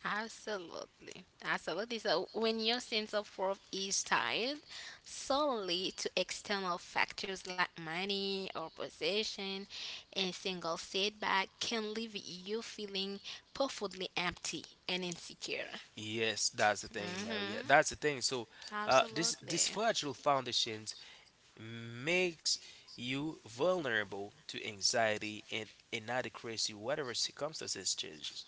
[SPEAKER 2] Absolutely. Absolutely. So when your sense of worth is tied solely to external factors like money or possession, a single setback can leave you feeling profoundly empty and insecure.
[SPEAKER 1] Yes, that's the thing, Maria,
[SPEAKER 2] Hmm.
[SPEAKER 1] that's the thing. So this
[SPEAKER 2] Absolutely.
[SPEAKER 1] this fragile foundations makes you vulnerable to anxiety and inadequacy whatever circumstances changes,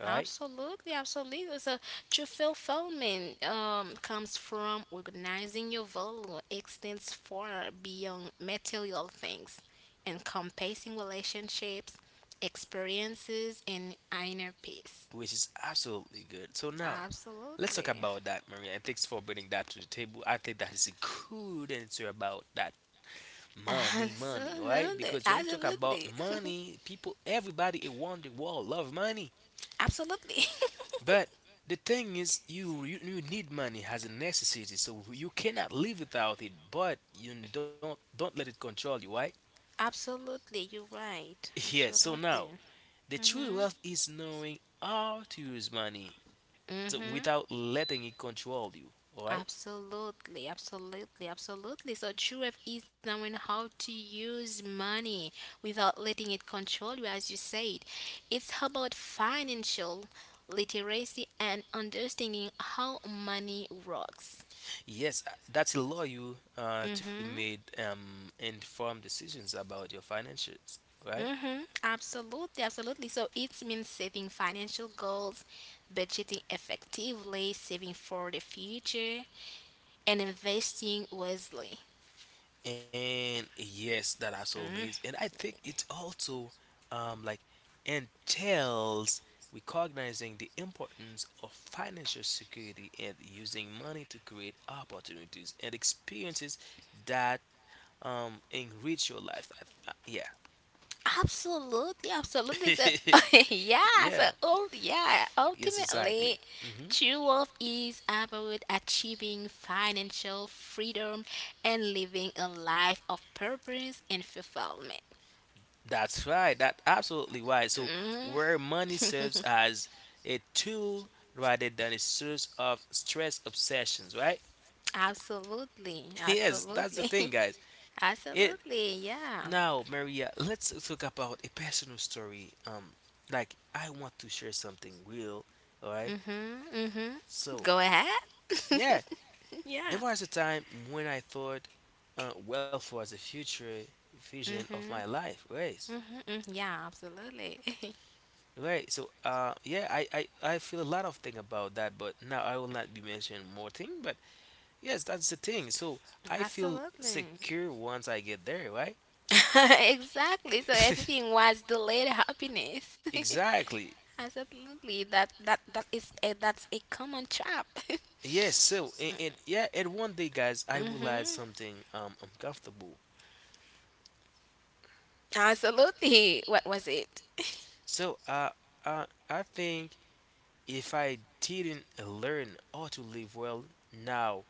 [SPEAKER 1] right?
[SPEAKER 2] Absolutely, absolutely. So, true fulfillment comes from recognizing your value extends far beyond material things, encompassing relationships, experiences, and inner peace.
[SPEAKER 1] Which is absolutely good. So now, let's talk
[SPEAKER 2] Absolutely.
[SPEAKER 1] about that, Maria. And thanks for bringing that to the table. I think that is a good answer about that money, money, right? Because when you
[SPEAKER 2] Absolutely.
[SPEAKER 1] talk about
[SPEAKER 2] Absolutely.
[SPEAKER 1] money, people, everybody around the world love money,
[SPEAKER 2] Absolutely.
[SPEAKER 1] but the thing is, you need money as a necessity, so you cannot live without it. But you don't let it control you, right?
[SPEAKER 2] Absolutely. You're right.
[SPEAKER 1] Yeah. So now,
[SPEAKER 2] Absolutely.
[SPEAKER 1] the true
[SPEAKER 2] Mm-hmm.
[SPEAKER 1] wealth is knowing how to use money so
[SPEAKER 2] Mm-hmm.
[SPEAKER 1] without letting it control you, all right.
[SPEAKER 2] Absolutely, absolutely, absolutely. So true wealth is knowing how to use money without letting it control you, as you said. It's about financial literacy and understanding how money works.
[SPEAKER 1] Yes, that's allow you to
[SPEAKER 2] Mm-hmm.
[SPEAKER 1] make informed decisions about your finances, right?
[SPEAKER 2] Mm-hmm. Absolutely, absolutely. So it means setting financial goals, budgeting effectively, saving for the future, and investing wisely.
[SPEAKER 1] And yes, that absolutely is,
[SPEAKER 2] Mm.
[SPEAKER 1] and I think it also like entails recognizing the importance of financial security and using money to create opportunities and experiences that enrich your life. Yeah.
[SPEAKER 2] Absolutely, absolutely. So, yeah,
[SPEAKER 1] Yeah. Yes, exactly.
[SPEAKER 2] ultimately,
[SPEAKER 1] Hmm.
[SPEAKER 2] true wealth is about achieving financial freedom and living a life of purpose and fulfillment.
[SPEAKER 1] That's right. That's absolutely right. So,
[SPEAKER 2] Mhm.
[SPEAKER 1] where money serves as a tool rather than a source of stress obsessions, right?
[SPEAKER 2] absolutely,
[SPEAKER 1] Yes, that's the thing,
[SPEAKER 2] absolutely,
[SPEAKER 1] guys. It
[SPEAKER 2] absolutely. Yeah.
[SPEAKER 1] Now, Maria, let's talk about a personal story. Like I want to share something real, all right?
[SPEAKER 2] Mhm. Mhm.
[SPEAKER 1] So,
[SPEAKER 2] Go ahead.
[SPEAKER 1] yeah, there
[SPEAKER 2] yeah.
[SPEAKER 1] was a time when I thought wealth was a future vision of my
[SPEAKER 2] Mhm.
[SPEAKER 1] life, right?
[SPEAKER 2] Mhm. Mhm. Yeah. Absolutely.
[SPEAKER 1] Right. So, yeah, I feel a lot of thing about that, but now I will not be mentioning more thing. But yes, that's the thing. So I feel
[SPEAKER 2] absolutely.
[SPEAKER 1] secure once I get there, right?
[SPEAKER 2] exactly. So everything was delayed happiness.
[SPEAKER 1] Exactly.
[SPEAKER 2] Absolutely. That's a common trap.
[SPEAKER 1] Yes. So and yeah, and one day, guys, I will add
[SPEAKER 2] hmm.
[SPEAKER 1] something uncomfortable.
[SPEAKER 2] Absolutely. What was it?
[SPEAKER 1] So I think if I didn't learn how to live well now,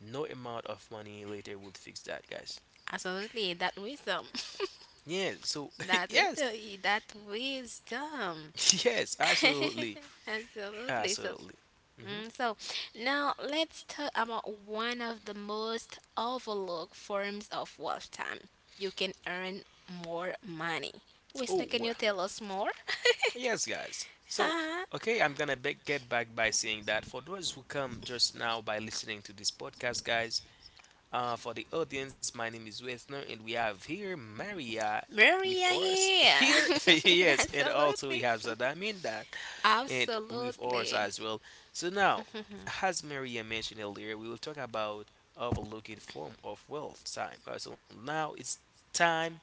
[SPEAKER 1] no amount of money later would fix that, guys.
[SPEAKER 2] Absolutely. That wisdom.
[SPEAKER 1] Yeah, so yes,
[SPEAKER 2] That wisdom.
[SPEAKER 1] yes, absolutely,
[SPEAKER 2] Absolutely. So
[SPEAKER 1] absolutely. Hmm.
[SPEAKER 2] so now let's talk about one of the most overlooked forms of wealth time. You can earn more money.
[SPEAKER 1] Oh
[SPEAKER 2] Wisna, can
[SPEAKER 1] well,
[SPEAKER 2] you tell us more?
[SPEAKER 1] yes, guys. So
[SPEAKER 2] Uh,
[SPEAKER 1] okay, I'm gonna get back by saying that for those who come just now by listening to this podcast, guys. For the audience, my name is Wethner, and we have here Maria with
[SPEAKER 2] Maria
[SPEAKER 1] us
[SPEAKER 2] here.
[SPEAKER 1] here. Yes, and also we
[SPEAKER 2] Absolutely.
[SPEAKER 1] have Zadaminda and with ours
[SPEAKER 2] Absolutely.
[SPEAKER 1] as well. So now, as Maria mentioned earlier, we will talk about overlooking form of wealth time. So now it's time,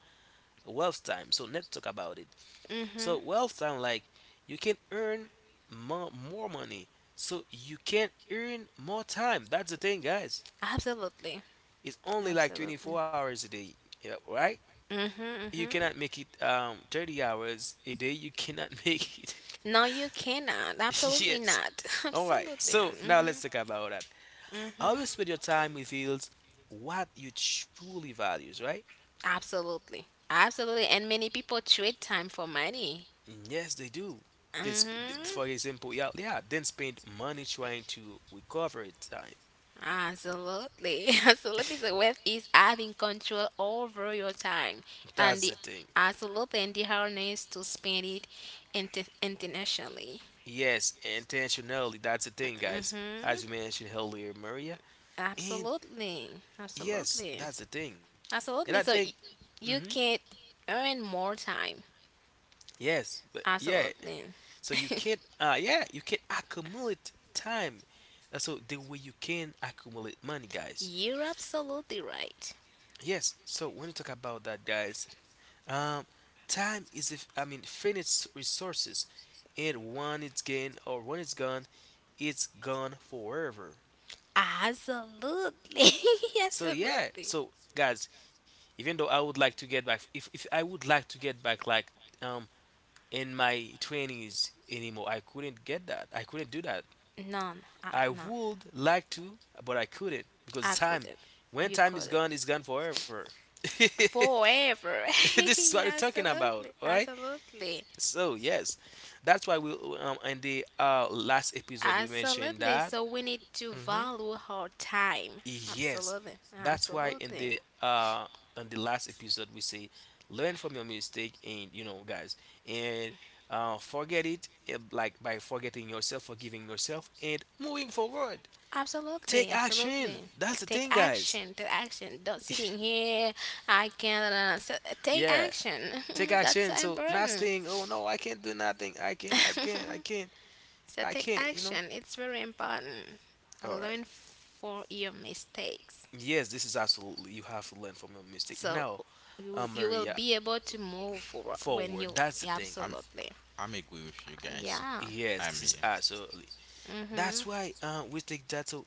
[SPEAKER 1] wealth time. So let's talk about it.
[SPEAKER 2] Mhm.
[SPEAKER 1] So wealth time, like you can earn more money. So you can earn more time. That's the thing, guys.
[SPEAKER 2] Absolutely.
[SPEAKER 1] It's only like
[SPEAKER 2] Absolutely.
[SPEAKER 1] 24 hours a day, yeah, right?
[SPEAKER 2] Mhm.
[SPEAKER 1] You
[SPEAKER 2] Mhm.
[SPEAKER 1] cannot make it 30 hours a day. You cannot make it.
[SPEAKER 2] No, you cannot. Absolutely
[SPEAKER 1] yes.
[SPEAKER 2] not.
[SPEAKER 1] All right.
[SPEAKER 2] Absolutely.
[SPEAKER 1] So now
[SPEAKER 2] Mhm.
[SPEAKER 1] let's talk about that.
[SPEAKER 2] Mhm.
[SPEAKER 1] How you spend your time reveals what you truly values, right?
[SPEAKER 2] Absolutely. Absolutely. And many people trade time for money.
[SPEAKER 1] Yes, they do. This,
[SPEAKER 2] Mhm.
[SPEAKER 1] for example, yeah, yeah, then spend money trying to recover it time.
[SPEAKER 2] Absolutely. Absolutely. So wealth is having control over your time
[SPEAKER 1] That's the
[SPEAKER 2] and the
[SPEAKER 1] thing.
[SPEAKER 2] absolutely and the harness to spend it internationally.
[SPEAKER 1] Yes, intentionally, that's the thing, guys.
[SPEAKER 2] Mm-hmm.
[SPEAKER 1] As you mentioned earlier, Maria, and
[SPEAKER 2] Absolutely.
[SPEAKER 1] yes,
[SPEAKER 2] Absolutely.
[SPEAKER 1] that's the thing. And I
[SPEAKER 2] Absolutely. So
[SPEAKER 1] think, hmm
[SPEAKER 2] you can earn more time.
[SPEAKER 1] yes, but yeah,
[SPEAKER 2] Absolutely.
[SPEAKER 1] so you can't, yeah, you can accumulate time. So the way you can accumulate money, guys.
[SPEAKER 2] You're absolutely right.
[SPEAKER 1] Yes, so when you talk about that, guys, Um, time is if I mean finite resources, and when it's gained or when it's gone forever.
[SPEAKER 2] Absolutely.
[SPEAKER 1] So yeah,
[SPEAKER 2] absolutely.
[SPEAKER 1] so guys, even though I would like to get back, if I would like to get back like um in my twenties anymore, I couldn't get that. I couldn't do that.
[SPEAKER 2] No, no,
[SPEAKER 1] I
[SPEAKER 2] no.
[SPEAKER 1] would like to, but I couldn't because
[SPEAKER 2] I
[SPEAKER 1] time,
[SPEAKER 2] couldn't.
[SPEAKER 1] when
[SPEAKER 2] You
[SPEAKER 1] time is
[SPEAKER 2] couldn't.
[SPEAKER 1] gone, it's gone forever. this
[SPEAKER 2] Forever.
[SPEAKER 1] is what we're
[SPEAKER 2] yeah,
[SPEAKER 1] talking about,
[SPEAKER 2] absolutely,
[SPEAKER 1] right?
[SPEAKER 2] absolutely,
[SPEAKER 1] So yes, that's why we in the last episode we mentioned
[SPEAKER 2] absolutely.
[SPEAKER 1] that.
[SPEAKER 2] So we need to
[SPEAKER 1] Hmm
[SPEAKER 2] value our time.
[SPEAKER 1] Yes,
[SPEAKER 2] Absolutely,
[SPEAKER 1] that's why
[SPEAKER 2] absolutely,
[SPEAKER 1] in the last episode we say learn from your mistake, and you know guys, and forget it like by forgetting yourself, forgiving yourself, and moving forward.
[SPEAKER 2] absolutely,
[SPEAKER 1] Take action.
[SPEAKER 2] absolutely.
[SPEAKER 1] That's the
[SPEAKER 2] Take
[SPEAKER 1] thing, guys.
[SPEAKER 2] action, take action. Don't sitting here. I can't. So take
[SPEAKER 1] yeah,
[SPEAKER 2] action.
[SPEAKER 1] take
[SPEAKER 2] That's so
[SPEAKER 1] action. So not
[SPEAKER 2] important.
[SPEAKER 1] saying, "Oh no, I can't do nothing. I can't. I can't. I can't.
[SPEAKER 2] so
[SPEAKER 1] I
[SPEAKER 2] take
[SPEAKER 1] can't." You know.
[SPEAKER 2] action. It's very important.
[SPEAKER 1] All right.
[SPEAKER 2] Learn for your mistakes.
[SPEAKER 1] Yes, this is absolutely. You have to learn from your mistake.
[SPEAKER 2] So
[SPEAKER 1] Now,
[SPEAKER 2] you will
[SPEAKER 1] Maria,
[SPEAKER 2] be able to move forward when
[SPEAKER 1] forward.
[SPEAKER 2] you
[SPEAKER 1] That's the thing.
[SPEAKER 3] I'm
[SPEAKER 2] absolutely
[SPEAKER 3] I'm agree with you guys.
[SPEAKER 2] yeah,
[SPEAKER 1] Yes, this
[SPEAKER 3] I'm
[SPEAKER 1] is
[SPEAKER 3] here.
[SPEAKER 1] absolutely.
[SPEAKER 2] mm-hmm,
[SPEAKER 1] That's why we take that. So,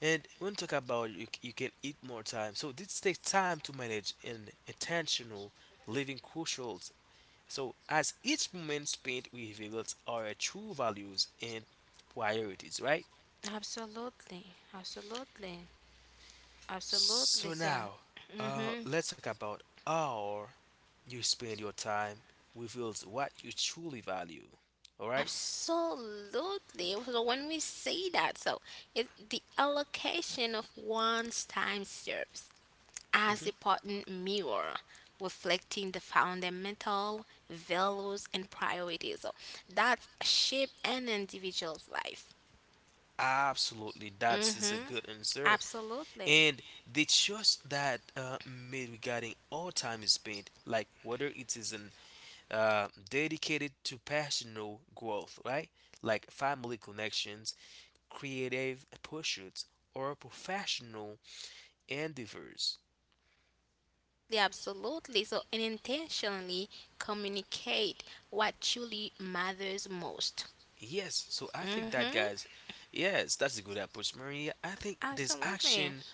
[SPEAKER 1] and when we talk about you, you can eat more time. So this takes time to manage and intentional living crucials. So as each moment spent reveals our true values and priorities, right?
[SPEAKER 2] absolutely, absolutely, absolutely.
[SPEAKER 1] So
[SPEAKER 2] So
[SPEAKER 1] now,
[SPEAKER 2] mm-hmm
[SPEAKER 1] let's talk about how you spend your time reveals what you truly value. All right?
[SPEAKER 2] absolutely. So when we say that, so it the allocation of one's time serves as
[SPEAKER 1] Mhm.
[SPEAKER 2] a potent mirror reflecting the fundamental values and priorities that shape an individual's life.
[SPEAKER 1] Absolutely, that's is a
[SPEAKER 2] Hmm.
[SPEAKER 1] good answer.
[SPEAKER 2] Absolutely.
[SPEAKER 1] And the choice that made regarding all time is spent, like whether it is in, dedicated to personal growth, right? Like family connections, creative pursuits, or professional endeavors.
[SPEAKER 2] Yeah, absolutely. So, and intentionally communicate what truly matters most.
[SPEAKER 1] Yes, so I think that
[SPEAKER 2] Mm-hmm.
[SPEAKER 1] guys, yes, that's a good approach, Maria. I think this
[SPEAKER 2] Absolutely.
[SPEAKER 1] action,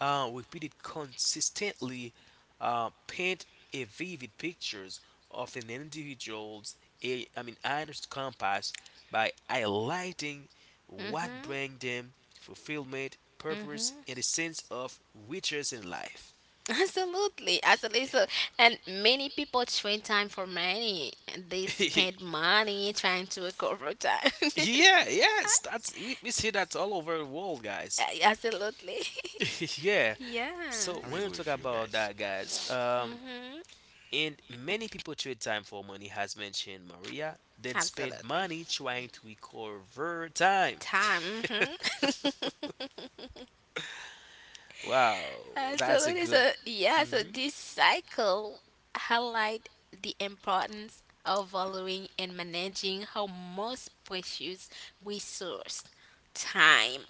[SPEAKER 1] repeated consistently, paint a vivid pictures of an individual's, a, I mean, honest compass by highlighting what
[SPEAKER 2] Mm-hmm.
[SPEAKER 1] brings them fulfillment, purpose,
[SPEAKER 2] Mm-hmm.
[SPEAKER 1] and a sense of riches in life.
[SPEAKER 2] Absolutely. Absolutely. So, and many people trade time for money. They
[SPEAKER 1] yeah,
[SPEAKER 2] spend money trying to recover time.
[SPEAKER 1] yes, that's we see that all over the world, guys.
[SPEAKER 2] Absolutely.
[SPEAKER 1] yeah.
[SPEAKER 2] Yeah.
[SPEAKER 1] So
[SPEAKER 3] I'm
[SPEAKER 1] when
[SPEAKER 3] agree
[SPEAKER 1] we talk
[SPEAKER 3] with you
[SPEAKER 1] about
[SPEAKER 3] guys.
[SPEAKER 1] that, guys,
[SPEAKER 2] Mm-hmm.
[SPEAKER 1] and many people trade time for money, has mentioned Maria, then spend
[SPEAKER 2] Absolutely.
[SPEAKER 1] money trying to recover time.
[SPEAKER 2] Time. Mm-hmm.
[SPEAKER 1] Wow, that's a
[SPEAKER 2] Absolutely.
[SPEAKER 1] good.
[SPEAKER 2] So yeah, so
[SPEAKER 1] Hmm
[SPEAKER 2] this cycle highlight the importance of valuing and managing our most precious resource, time.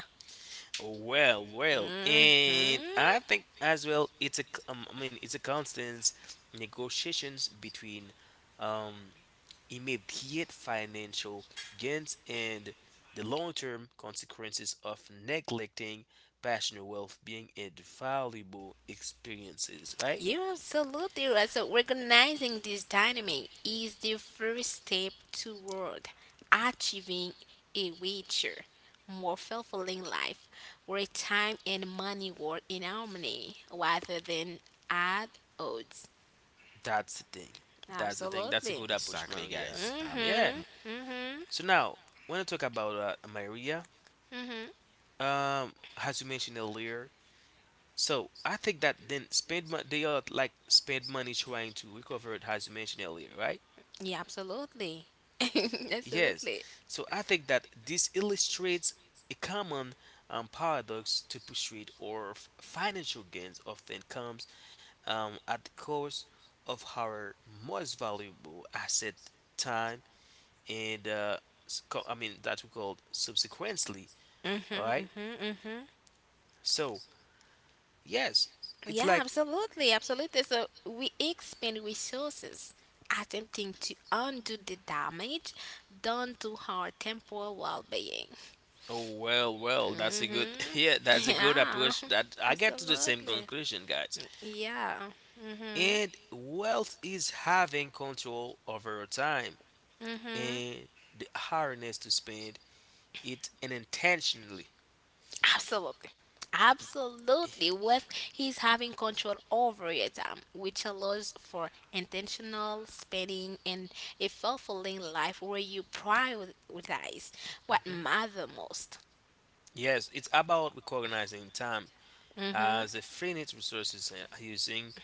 [SPEAKER 1] Well, well, and
[SPEAKER 2] Hmm.
[SPEAKER 1] I think as well it's a I mean it's a constant negotiations between um immediate financial gains and the long-term consequences of neglecting personal well-being and valuable experiences, right?
[SPEAKER 2] You're absolutely right. So recognizing this dynamic is the first step toward achieving a richer, more fulfilling life where time and money work in harmony rather than at odds.
[SPEAKER 1] That's the thing. That's the thing. That's a
[SPEAKER 2] Absolutely.
[SPEAKER 1] good approach,
[SPEAKER 3] Exactly,
[SPEAKER 1] Maria.
[SPEAKER 3] guys.
[SPEAKER 1] Yeah.
[SPEAKER 2] Mhm.
[SPEAKER 3] Mm,
[SPEAKER 2] Mhm.
[SPEAKER 1] So now, when I talk about Maria,
[SPEAKER 2] Mhm.
[SPEAKER 1] um, as you mentioned earlier, so I think that then spend money they are like spend money trying to recover it as you mentioned earlier, right?
[SPEAKER 2] Yeah, absolutely.
[SPEAKER 1] Yes.
[SPEAKER 2] absolutely.
[SPEAKER 1] So I think that this illustrates a common paradox to pursuit or financial gains often comes at the cost of our most valuable asset, time, and I mean that we called subsequently. All
[SPEAKER 2] Mhm.
[SPEAKER 1] right.
[SPEAKER 2] Mhm. Mhm.
[SPEAKER 1] So yes, it's
[SPEAKER 2] Yeah,
[SPEAKER 1] like.
[SPEAKER 2] absolutely. Absolutely. So we expend resources attempting to undo the damage done to our temporal well-being.
[SPEAKER 1] Oh well, well, that's a good,
[SPEAKER 2] Mhm.
[SPEAKER 1] yeah, that's a good
[SPEAKER 2] Yeah.
[SPEAKER 1] approach. That I get to the same
[SPEAKER 2] Absolutely.
[SPEAKER 1] conclusion, guys.
[SPEAKER 2] Yeah. Mhm.
[SPEAKER 1] And wealth is having control over your time
[SPEAKER 2] Mhm.
[SPEAKER 1] and the hardness to spend it unintentionally.
[SPEAKER 2] Absolutely. Absolutely. With he's having control over your time, which allows for intentional spending and a fulfilling life where you prioritize what
[SPEAKER 1] Mhm.
[SPEAKER 2] matter most.
[SPEAKER 1] Yes, it's about recognizing time
[SPEAKER 2] Hmm.
[SPEAKER 1] as a finite resources and using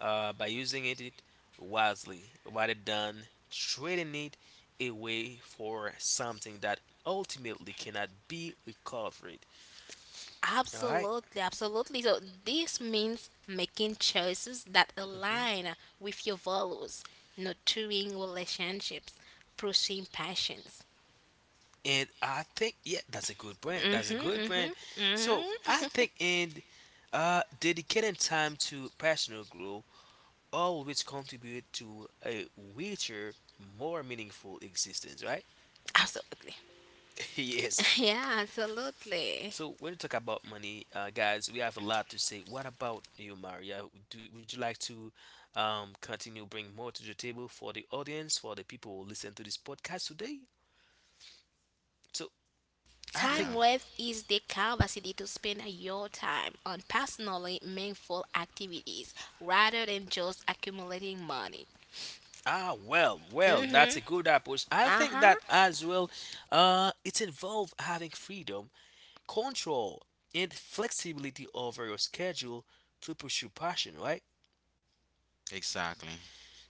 [SPEAKER 1] uh, by using it it wisely rather than trading it away for something that ultimately cannot be recovered. All right.
[SPEAKER 2] Absolutely, absolutely. So this means making choices that
[SPEAKER 1] Mhm.
[SPEAKER 2] align with your values, nurturing relationships, pursuing passions.
[SPEAKER 1] And I think yeah, that's a good brand.
[SPEAKER 2] Hmm.
[SPEAKER 1] That's a good
[SPEAKER 2] Hmm.
[SPEAKER 1] brand. So I
[SPEAKER 2] Hmm.
[SPEAKER 1] think and dedicating time to personal growth always contribute to a richer, more meaningful existence, right?
[SPEAKER 2] Absolutely.
[SPEAKER 1] yes.
[SPEAKER 2] Yeah, absolutely.
[SPEAKER 1] So when you talk about money, guys, we have a lot to say. What about you, Maria? Do, would you like to continue bring more to the table for the audience, for the people who listen to this podcast today? So I think.
[SPEAKER 2] Time
[SPEAKER 3] yeah,
[SPEAKER 2] wealth is the capacity to spend your time on personally meaningful activities rather than just accumulating money.
[SPEAKER 1] Ah, well, well, that's
[SPEAKER 2] Mm-hmm.
[SPEAKER 1] a good approach. I think
[SPEAKER 2] Uh-huh.
[SPEAKER 1] that as well, it involves having freedom, control, and flexibility over your schedule to pursue passion, right?
[SPEAKER 3] exactly.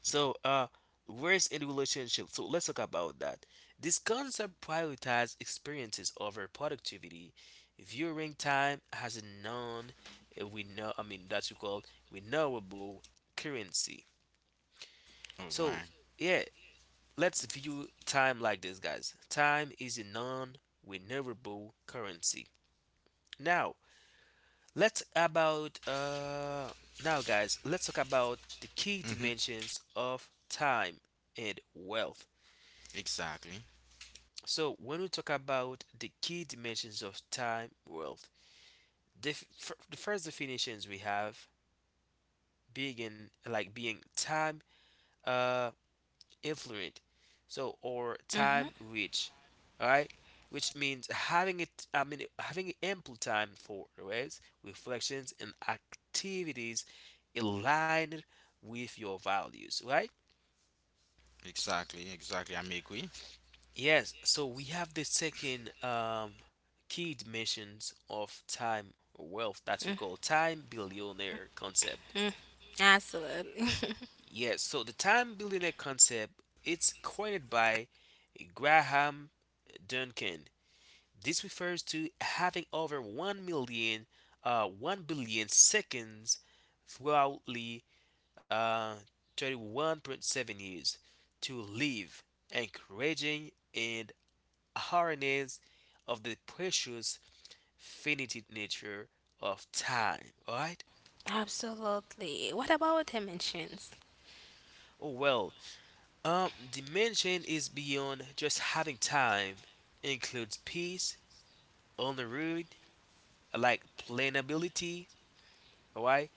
[SPEAKER 1] So, where's in relationship? So let's talk about that. This concept prioritizes experiences over productivity, viewing time as a non, we know, I mean, that's we call renewable currency.
[SPEAKER 3] Oh, all
[SPEAKER 1] So,
[SPEAKER 3] right.
[SPEAKER 1] yeah, let's view time like this, guys. Time is a non-renewable currency. Now, let's about now guys, let's talk about the key
[SPEAKER 3] Mhm.
[SPEAKER 1] dimensions of time and wealth.
[SPEAKER 3] Exactly.
[SPEAKER 1] So, when we talk about the key dimensions of time, wealth, the, the first definitions we have being like being time uh influent, so or
[SPEAKER 2] Mm-hmm.
[SPEAKER 1] time rich, all right, which means having it, I mean having ample time for rest reflections and activities aligned with your values, right?
[SPEAKER 3] Exactly. Exactly. I'm agree.
[SPEAKER 1] Yes, so we have the second key dimensions of time wealth that
[SPEAKER 2] Mm.
[SPEAKER 1] we call time billionaire concept.
[SPEAKER 2] Absolutely.
[SPEAKER 1] Yes, so the time billionaire concept, it's coined by Graham Duncan. This refers to having over 1 million, 1 billion seconds throughout the uh, 31.7 years to live, encouraging and harness of the precious finite nature of time. Alright?
[SPEAKER 2] absolutely. What about dimensions?
[SPEAKER 1] Oh well, dimension is beyond just having time, includes peace, on the road, like planability, all right,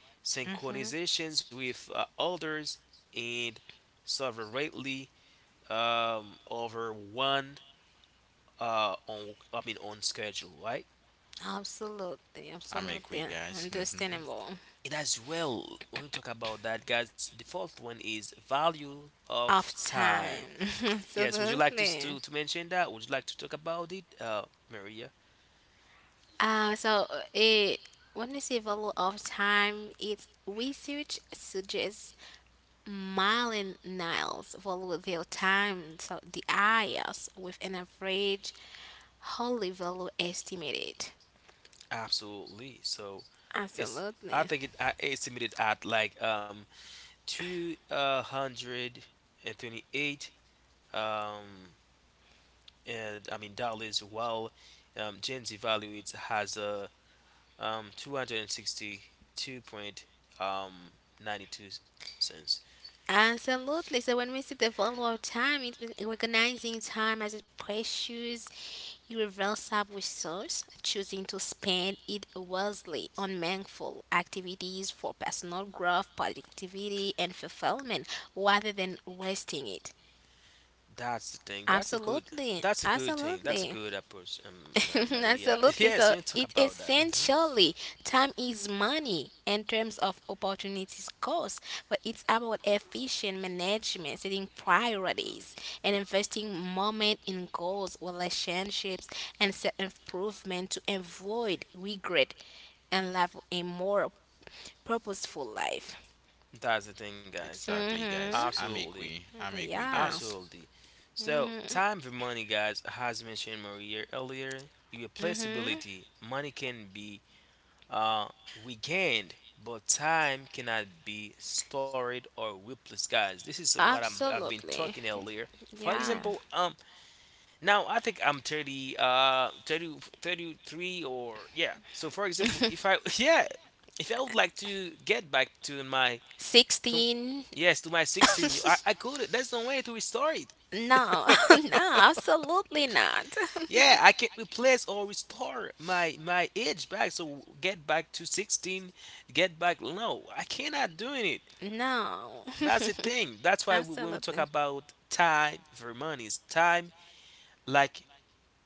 [SPEAKER 2] Mm-hmm.
[SPEAKER 1] synchronizations with others, and severely over one on I mean on schedule, right?
[SPEAKER 2] Absolutely.
[SPEAKER 3] I'm agree,
[SPEAKER 2] Absolutely.
[SPEAKER 3] guys. Mhm.
[SPEAKER 2] Understandable.
[SPEAKER 1] And as well when we talk about that guys, the fourth one is value of
[SPEAKER 2] Of
[SPEAKER 1] time.
[SPEAKER 2] time.
[SPEAKER 1] Yes, would you like
[SPEAKER 2] absolutely.
[SPEAKER 1] to mention that, would you like to talk about it, Maria?
[SPEAKER 2] It when you say value of time, it's research suggests Marlin Niles value their time so the highest with an average hourly value estimated.
[SPEAKER 1] Absolutely, so it's, I
[SPEAKER 2] Absolutely.
[SPEAKER 1] think it I estimated at like 228 um and I mean dollars, while James evaluates has a 262 cents 92.
[SPEAKER 2] Absolutely. So when we see the value of time, it's been recognizing time as a precious irreversible resource, choosing to spend it wisely on meaningful activities for personal growth, productivity, and fulfillment rather than wasting it.
[SPEAKER 1] That's the thing. That's a good.
[SPEAKER 2] Absolutely,
[SPEAKER 1] That's a good thing. That's a
[SPEAKER 2] absolutely.
[SPEAKER 1] good approach, Maria.
[SPEAKER 2] Absolutely.
[SPEAKER 1] Yes, we
[SPEAKER 2] So
[SPEAKER 1] talk
[SPEAKER 2] it
[SPEAKER 1] about that. Hmm
[SPEAKER 2] essentially time is money in terms of opportunities cost, but it's about efficient management, setting priorities, and investing moment in goals, relationships, and self improvement to avoid regret and live a more purposeful life.
[SPEAKER 1] That's the thing, guys.
[SPEAKER 3] Exactly, guys.
[SPEAKER 2] Mhm.
[SPEAKER 3] I'm
[SPEAKER 1] Absolutely.
[SPEAKER 3] agree. I'm agree,
[SPEAKER 2] Yeah.
[SPEAKER 3] guys.
[SPEAKER 1] Absolutely. So,
[SPEAKER 2] Mhm.
[SPEAKER 1] time for money, guys, as mentioned Maria earlier,
[SPEAKER 2] Mhm.
[SPEAKER 1] irreplaceability. Money can be uh, regained, but time cannot be stored or replaced, guys. This is what I've been
[SPEAKER 2] Absolutely.
[SPEAKER 1] talking earlier. For
[SPEAKER 2] Yeah.
[SPEAKER 1] example, now I think I'm 33, or yeah. So for example, if I, yeah, if I would like to get back to my to
[SPEAKER 2] 16.
[SPEAKER 1] yes to my 16, I could. There's no way to restore it.
[SPEAKER 2] No, no, absolutely not.
[SPEAKER 1] Yeah, I can replace or restore my age back. So get back to 16, get back. No, I cannot doing it.
[SPEAKER 2] no,
[SPEAKER 1] That's the thing. That's why we, when we talk
[SPEAKER 2] absolutely,
[SPEAKER 1] about time for money, is time like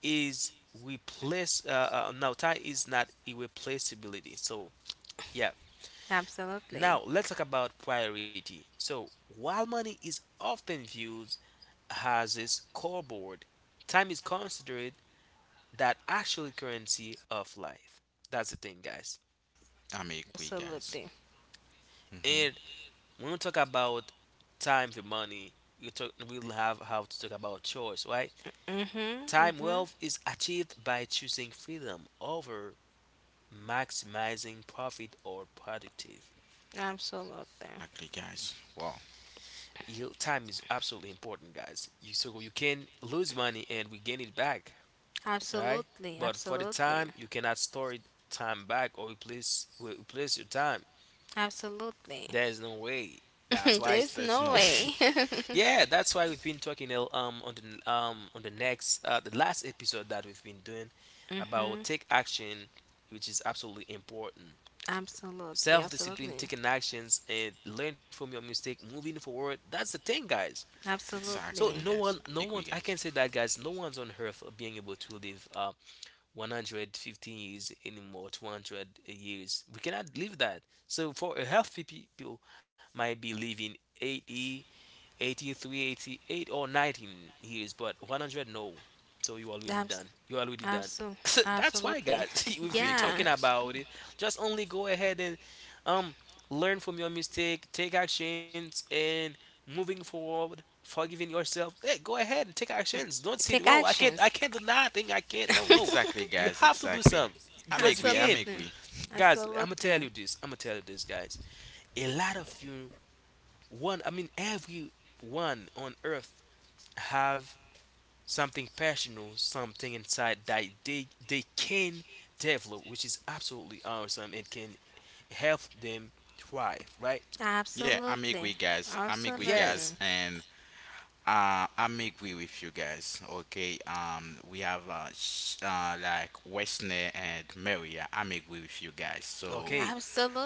[SPEAKER 1] is replace. No, time is not irreplaceability. So yeah.
[SPEAKER 2] absolutely,
[SPEAKER 1] Now let's talk about priority. So while money is often viewed as its core board, time is considered that actual currency of life. That's the thing, guys.
[SPEAKER 3] I'm agree, guys.
[SPEAKER 2] absolutely.
[SPEAKER 3] Mhm.
[SPEAKER 1] And when we talk about time for money, you talk, we'll have how to talk about choice, right?
[SPEAKER 2] Mhm,
[SPEAKER 1] Time
[SPEAKER 2] mhm,
[SPEAKER 1] wealth is achieved by choosing freedom over maximizing profit or productive.
[SPEAKER 2] absolutely,
[SPEAKER 3] Exactly, guys. Wow.
[SPEAKER 1] You, time is absolutely important, guys. You, so you can lose money and we gain it back, right?
[SPEAKER 2] absolutely,
[SPEAKER 1] But for the
[SPEAKER 2] absolutely,
[SPEAKER 1] time, you cannot store it time back or replace your time.
[SPEAKER 2] absolutely.
[SPEAKER 1] There's no way. That's why.
[SPEAKER 3] There's
[SPEAKER 2] There's
[SPEAKER 3] there's
[SPEAKER 2] no
[SPEAKER 3] no way.
[SPEAKER 2] way.
[SPEAKER 1] yeah, that's why we've been talking on the next the last episode that we've been doing about
[SPEAKER 2] mhm,
[SPEAKER 1] take action, which is absolutely important.
[SPEAKER 2] absolutely,
[SPEAKER 1] Self-discipline,
[SPEAKER 2] absolutely,
[SPEAKER 1] taking actions, and learn from your mistake, moving forward. That's the thing, guys. So
[SPEAKER 3] Exactly,
[SPEAKER 1] no
[SPEAKER 2] absolutely,
[SPEAKER 1] one,
[SPEAKER 3] guys.
[SPEAKER 1] no
[SPEAKER 3] I
[SPEAKER 1] one,
[SPEAKER 3] agree,
[SPEAKER 1] I can
[SPEAKER 3] guys.
[SPEAKER 1] say that, guys. No one's on earth being able to live 115 years anymore, 200 years, we cannot live that. So for a healthy people might be living 80, 83, 88, or 19 years, but 100, no. So you already
[SPEAKER 2] abs,
[SPEAKER 1] done. You already done.
[SPEAKER 2] abso,
[SPEAKER 1] That's why,
[SPEAKER 2] absolutely.
[SPEAKER 1] guys, we've
[SPEAKER 3] I'm
[SPEAKER 1] been
[SPEAKER 3] agree,
[SPEAKER 2] yeah,
[SPEAKER 1] talking
[SPEAKER 3] guys. I'm-
[SPEAKER 1] about it. Just only go ahead and um learn from your mistake, take actions, and moving forward, forgiving yourself. Hey, go ahead and take actions. Don't say,
[SPEAKER 2] take
[SPEAKER 1] "Oh, I
[SPEAKER 2] actions.
[SPEAKER 1] can't do nothing. I can't." No, no,
[SPEAKER 3] Exactly,
[SPEAKER 1] you
[SPEAKER 3] guys.
[SPEAKER 1] have to do
[SPEAKER 3] Exactly.
[SPEAKER 1] something
[SPEAKER 3] I'm
[SPEAKER 1] because you
[SPEAKER 3] agree. I'm
[SPEAKER 1] can,
[SPEAKER 2] absolutely,
[SPEAKER 3] agree.
[SPEAKER 1] guys. I'm gonna
[SPEAKER 2] absolutely,
[SPEAKER 1] tell you this. I'm gonna tell you this, guys. A lot of you, one I mean everyone on earth have something personal, something inside that they can develop, which is absolutely awesome. It can help them thrive, right?
[SPEAKER 3] Yeah, I'm
[SPEAKER 2] absolutely.
[SPEAKER 3] agree, guys. I'm agree,
[SPEAKER 2] Absolutely.
[SPEAKER 1] Yes,
[SPEAKER 3] guys, and I'm agree with you guys. Okay, we have like Wesley and Maria. I'm agree with you guys. So
[SPEAKER 1] okay,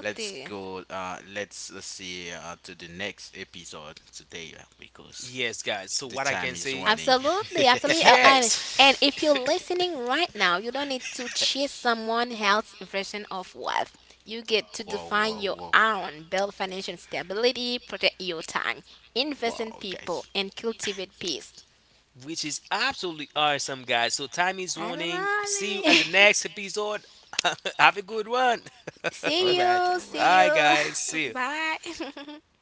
[SPEAKER 3] let's go. Let's see, to the next episode today, because
[SPEAKER 1] yes guys, so what
[SPEAKER 3] the
[SPEAKER 1] I can
[SPEAKER 3] time is
[SPEAKER 1] say,
[SPEAKER 3] running.
[SPEAKER 2] Absolutely. Absolutely. Uh, And,
[SPEAKER 1] yes,
[SPEAKER 2] and if you're listening right now, you don't need to chase someone else's version of wealth. You get to
[SPEAKER 3] Whoa,
[SPEAKER 2] define
[SPEAKER 3] whoa,
[SPEAKER 2] your
[SPEAKER 3] whoa,
[SPEAKER 2] own, build financial stability, protect your time, invest in
[SPEAKER 3] whoa, guys.
[SPEAKER 2] people, and cultivate peace.
[SPEAKER 1] which is absolutely awesome, guys. So, time is
[SPEAKER 2] I
[SPEAKER 1] warning. See you in the
[SPEAKER 2] love it.
[SPEAKER 1] next episode. Have a good one.
[SPEAKER 3] All
[SPEAKER 1] All
[SPEAKER 2] see
[SPEAKER 3] right,
[SPEAKER 2] you.
[SPEAKER 3] all
[SPEAKER 2] See
[SPEAKER 3] right.
[SPEAKER 1] right,
[SPEAKER 2] you.
[SPEAKER 1] guys. See you.
[SPEAKER 2] Bye.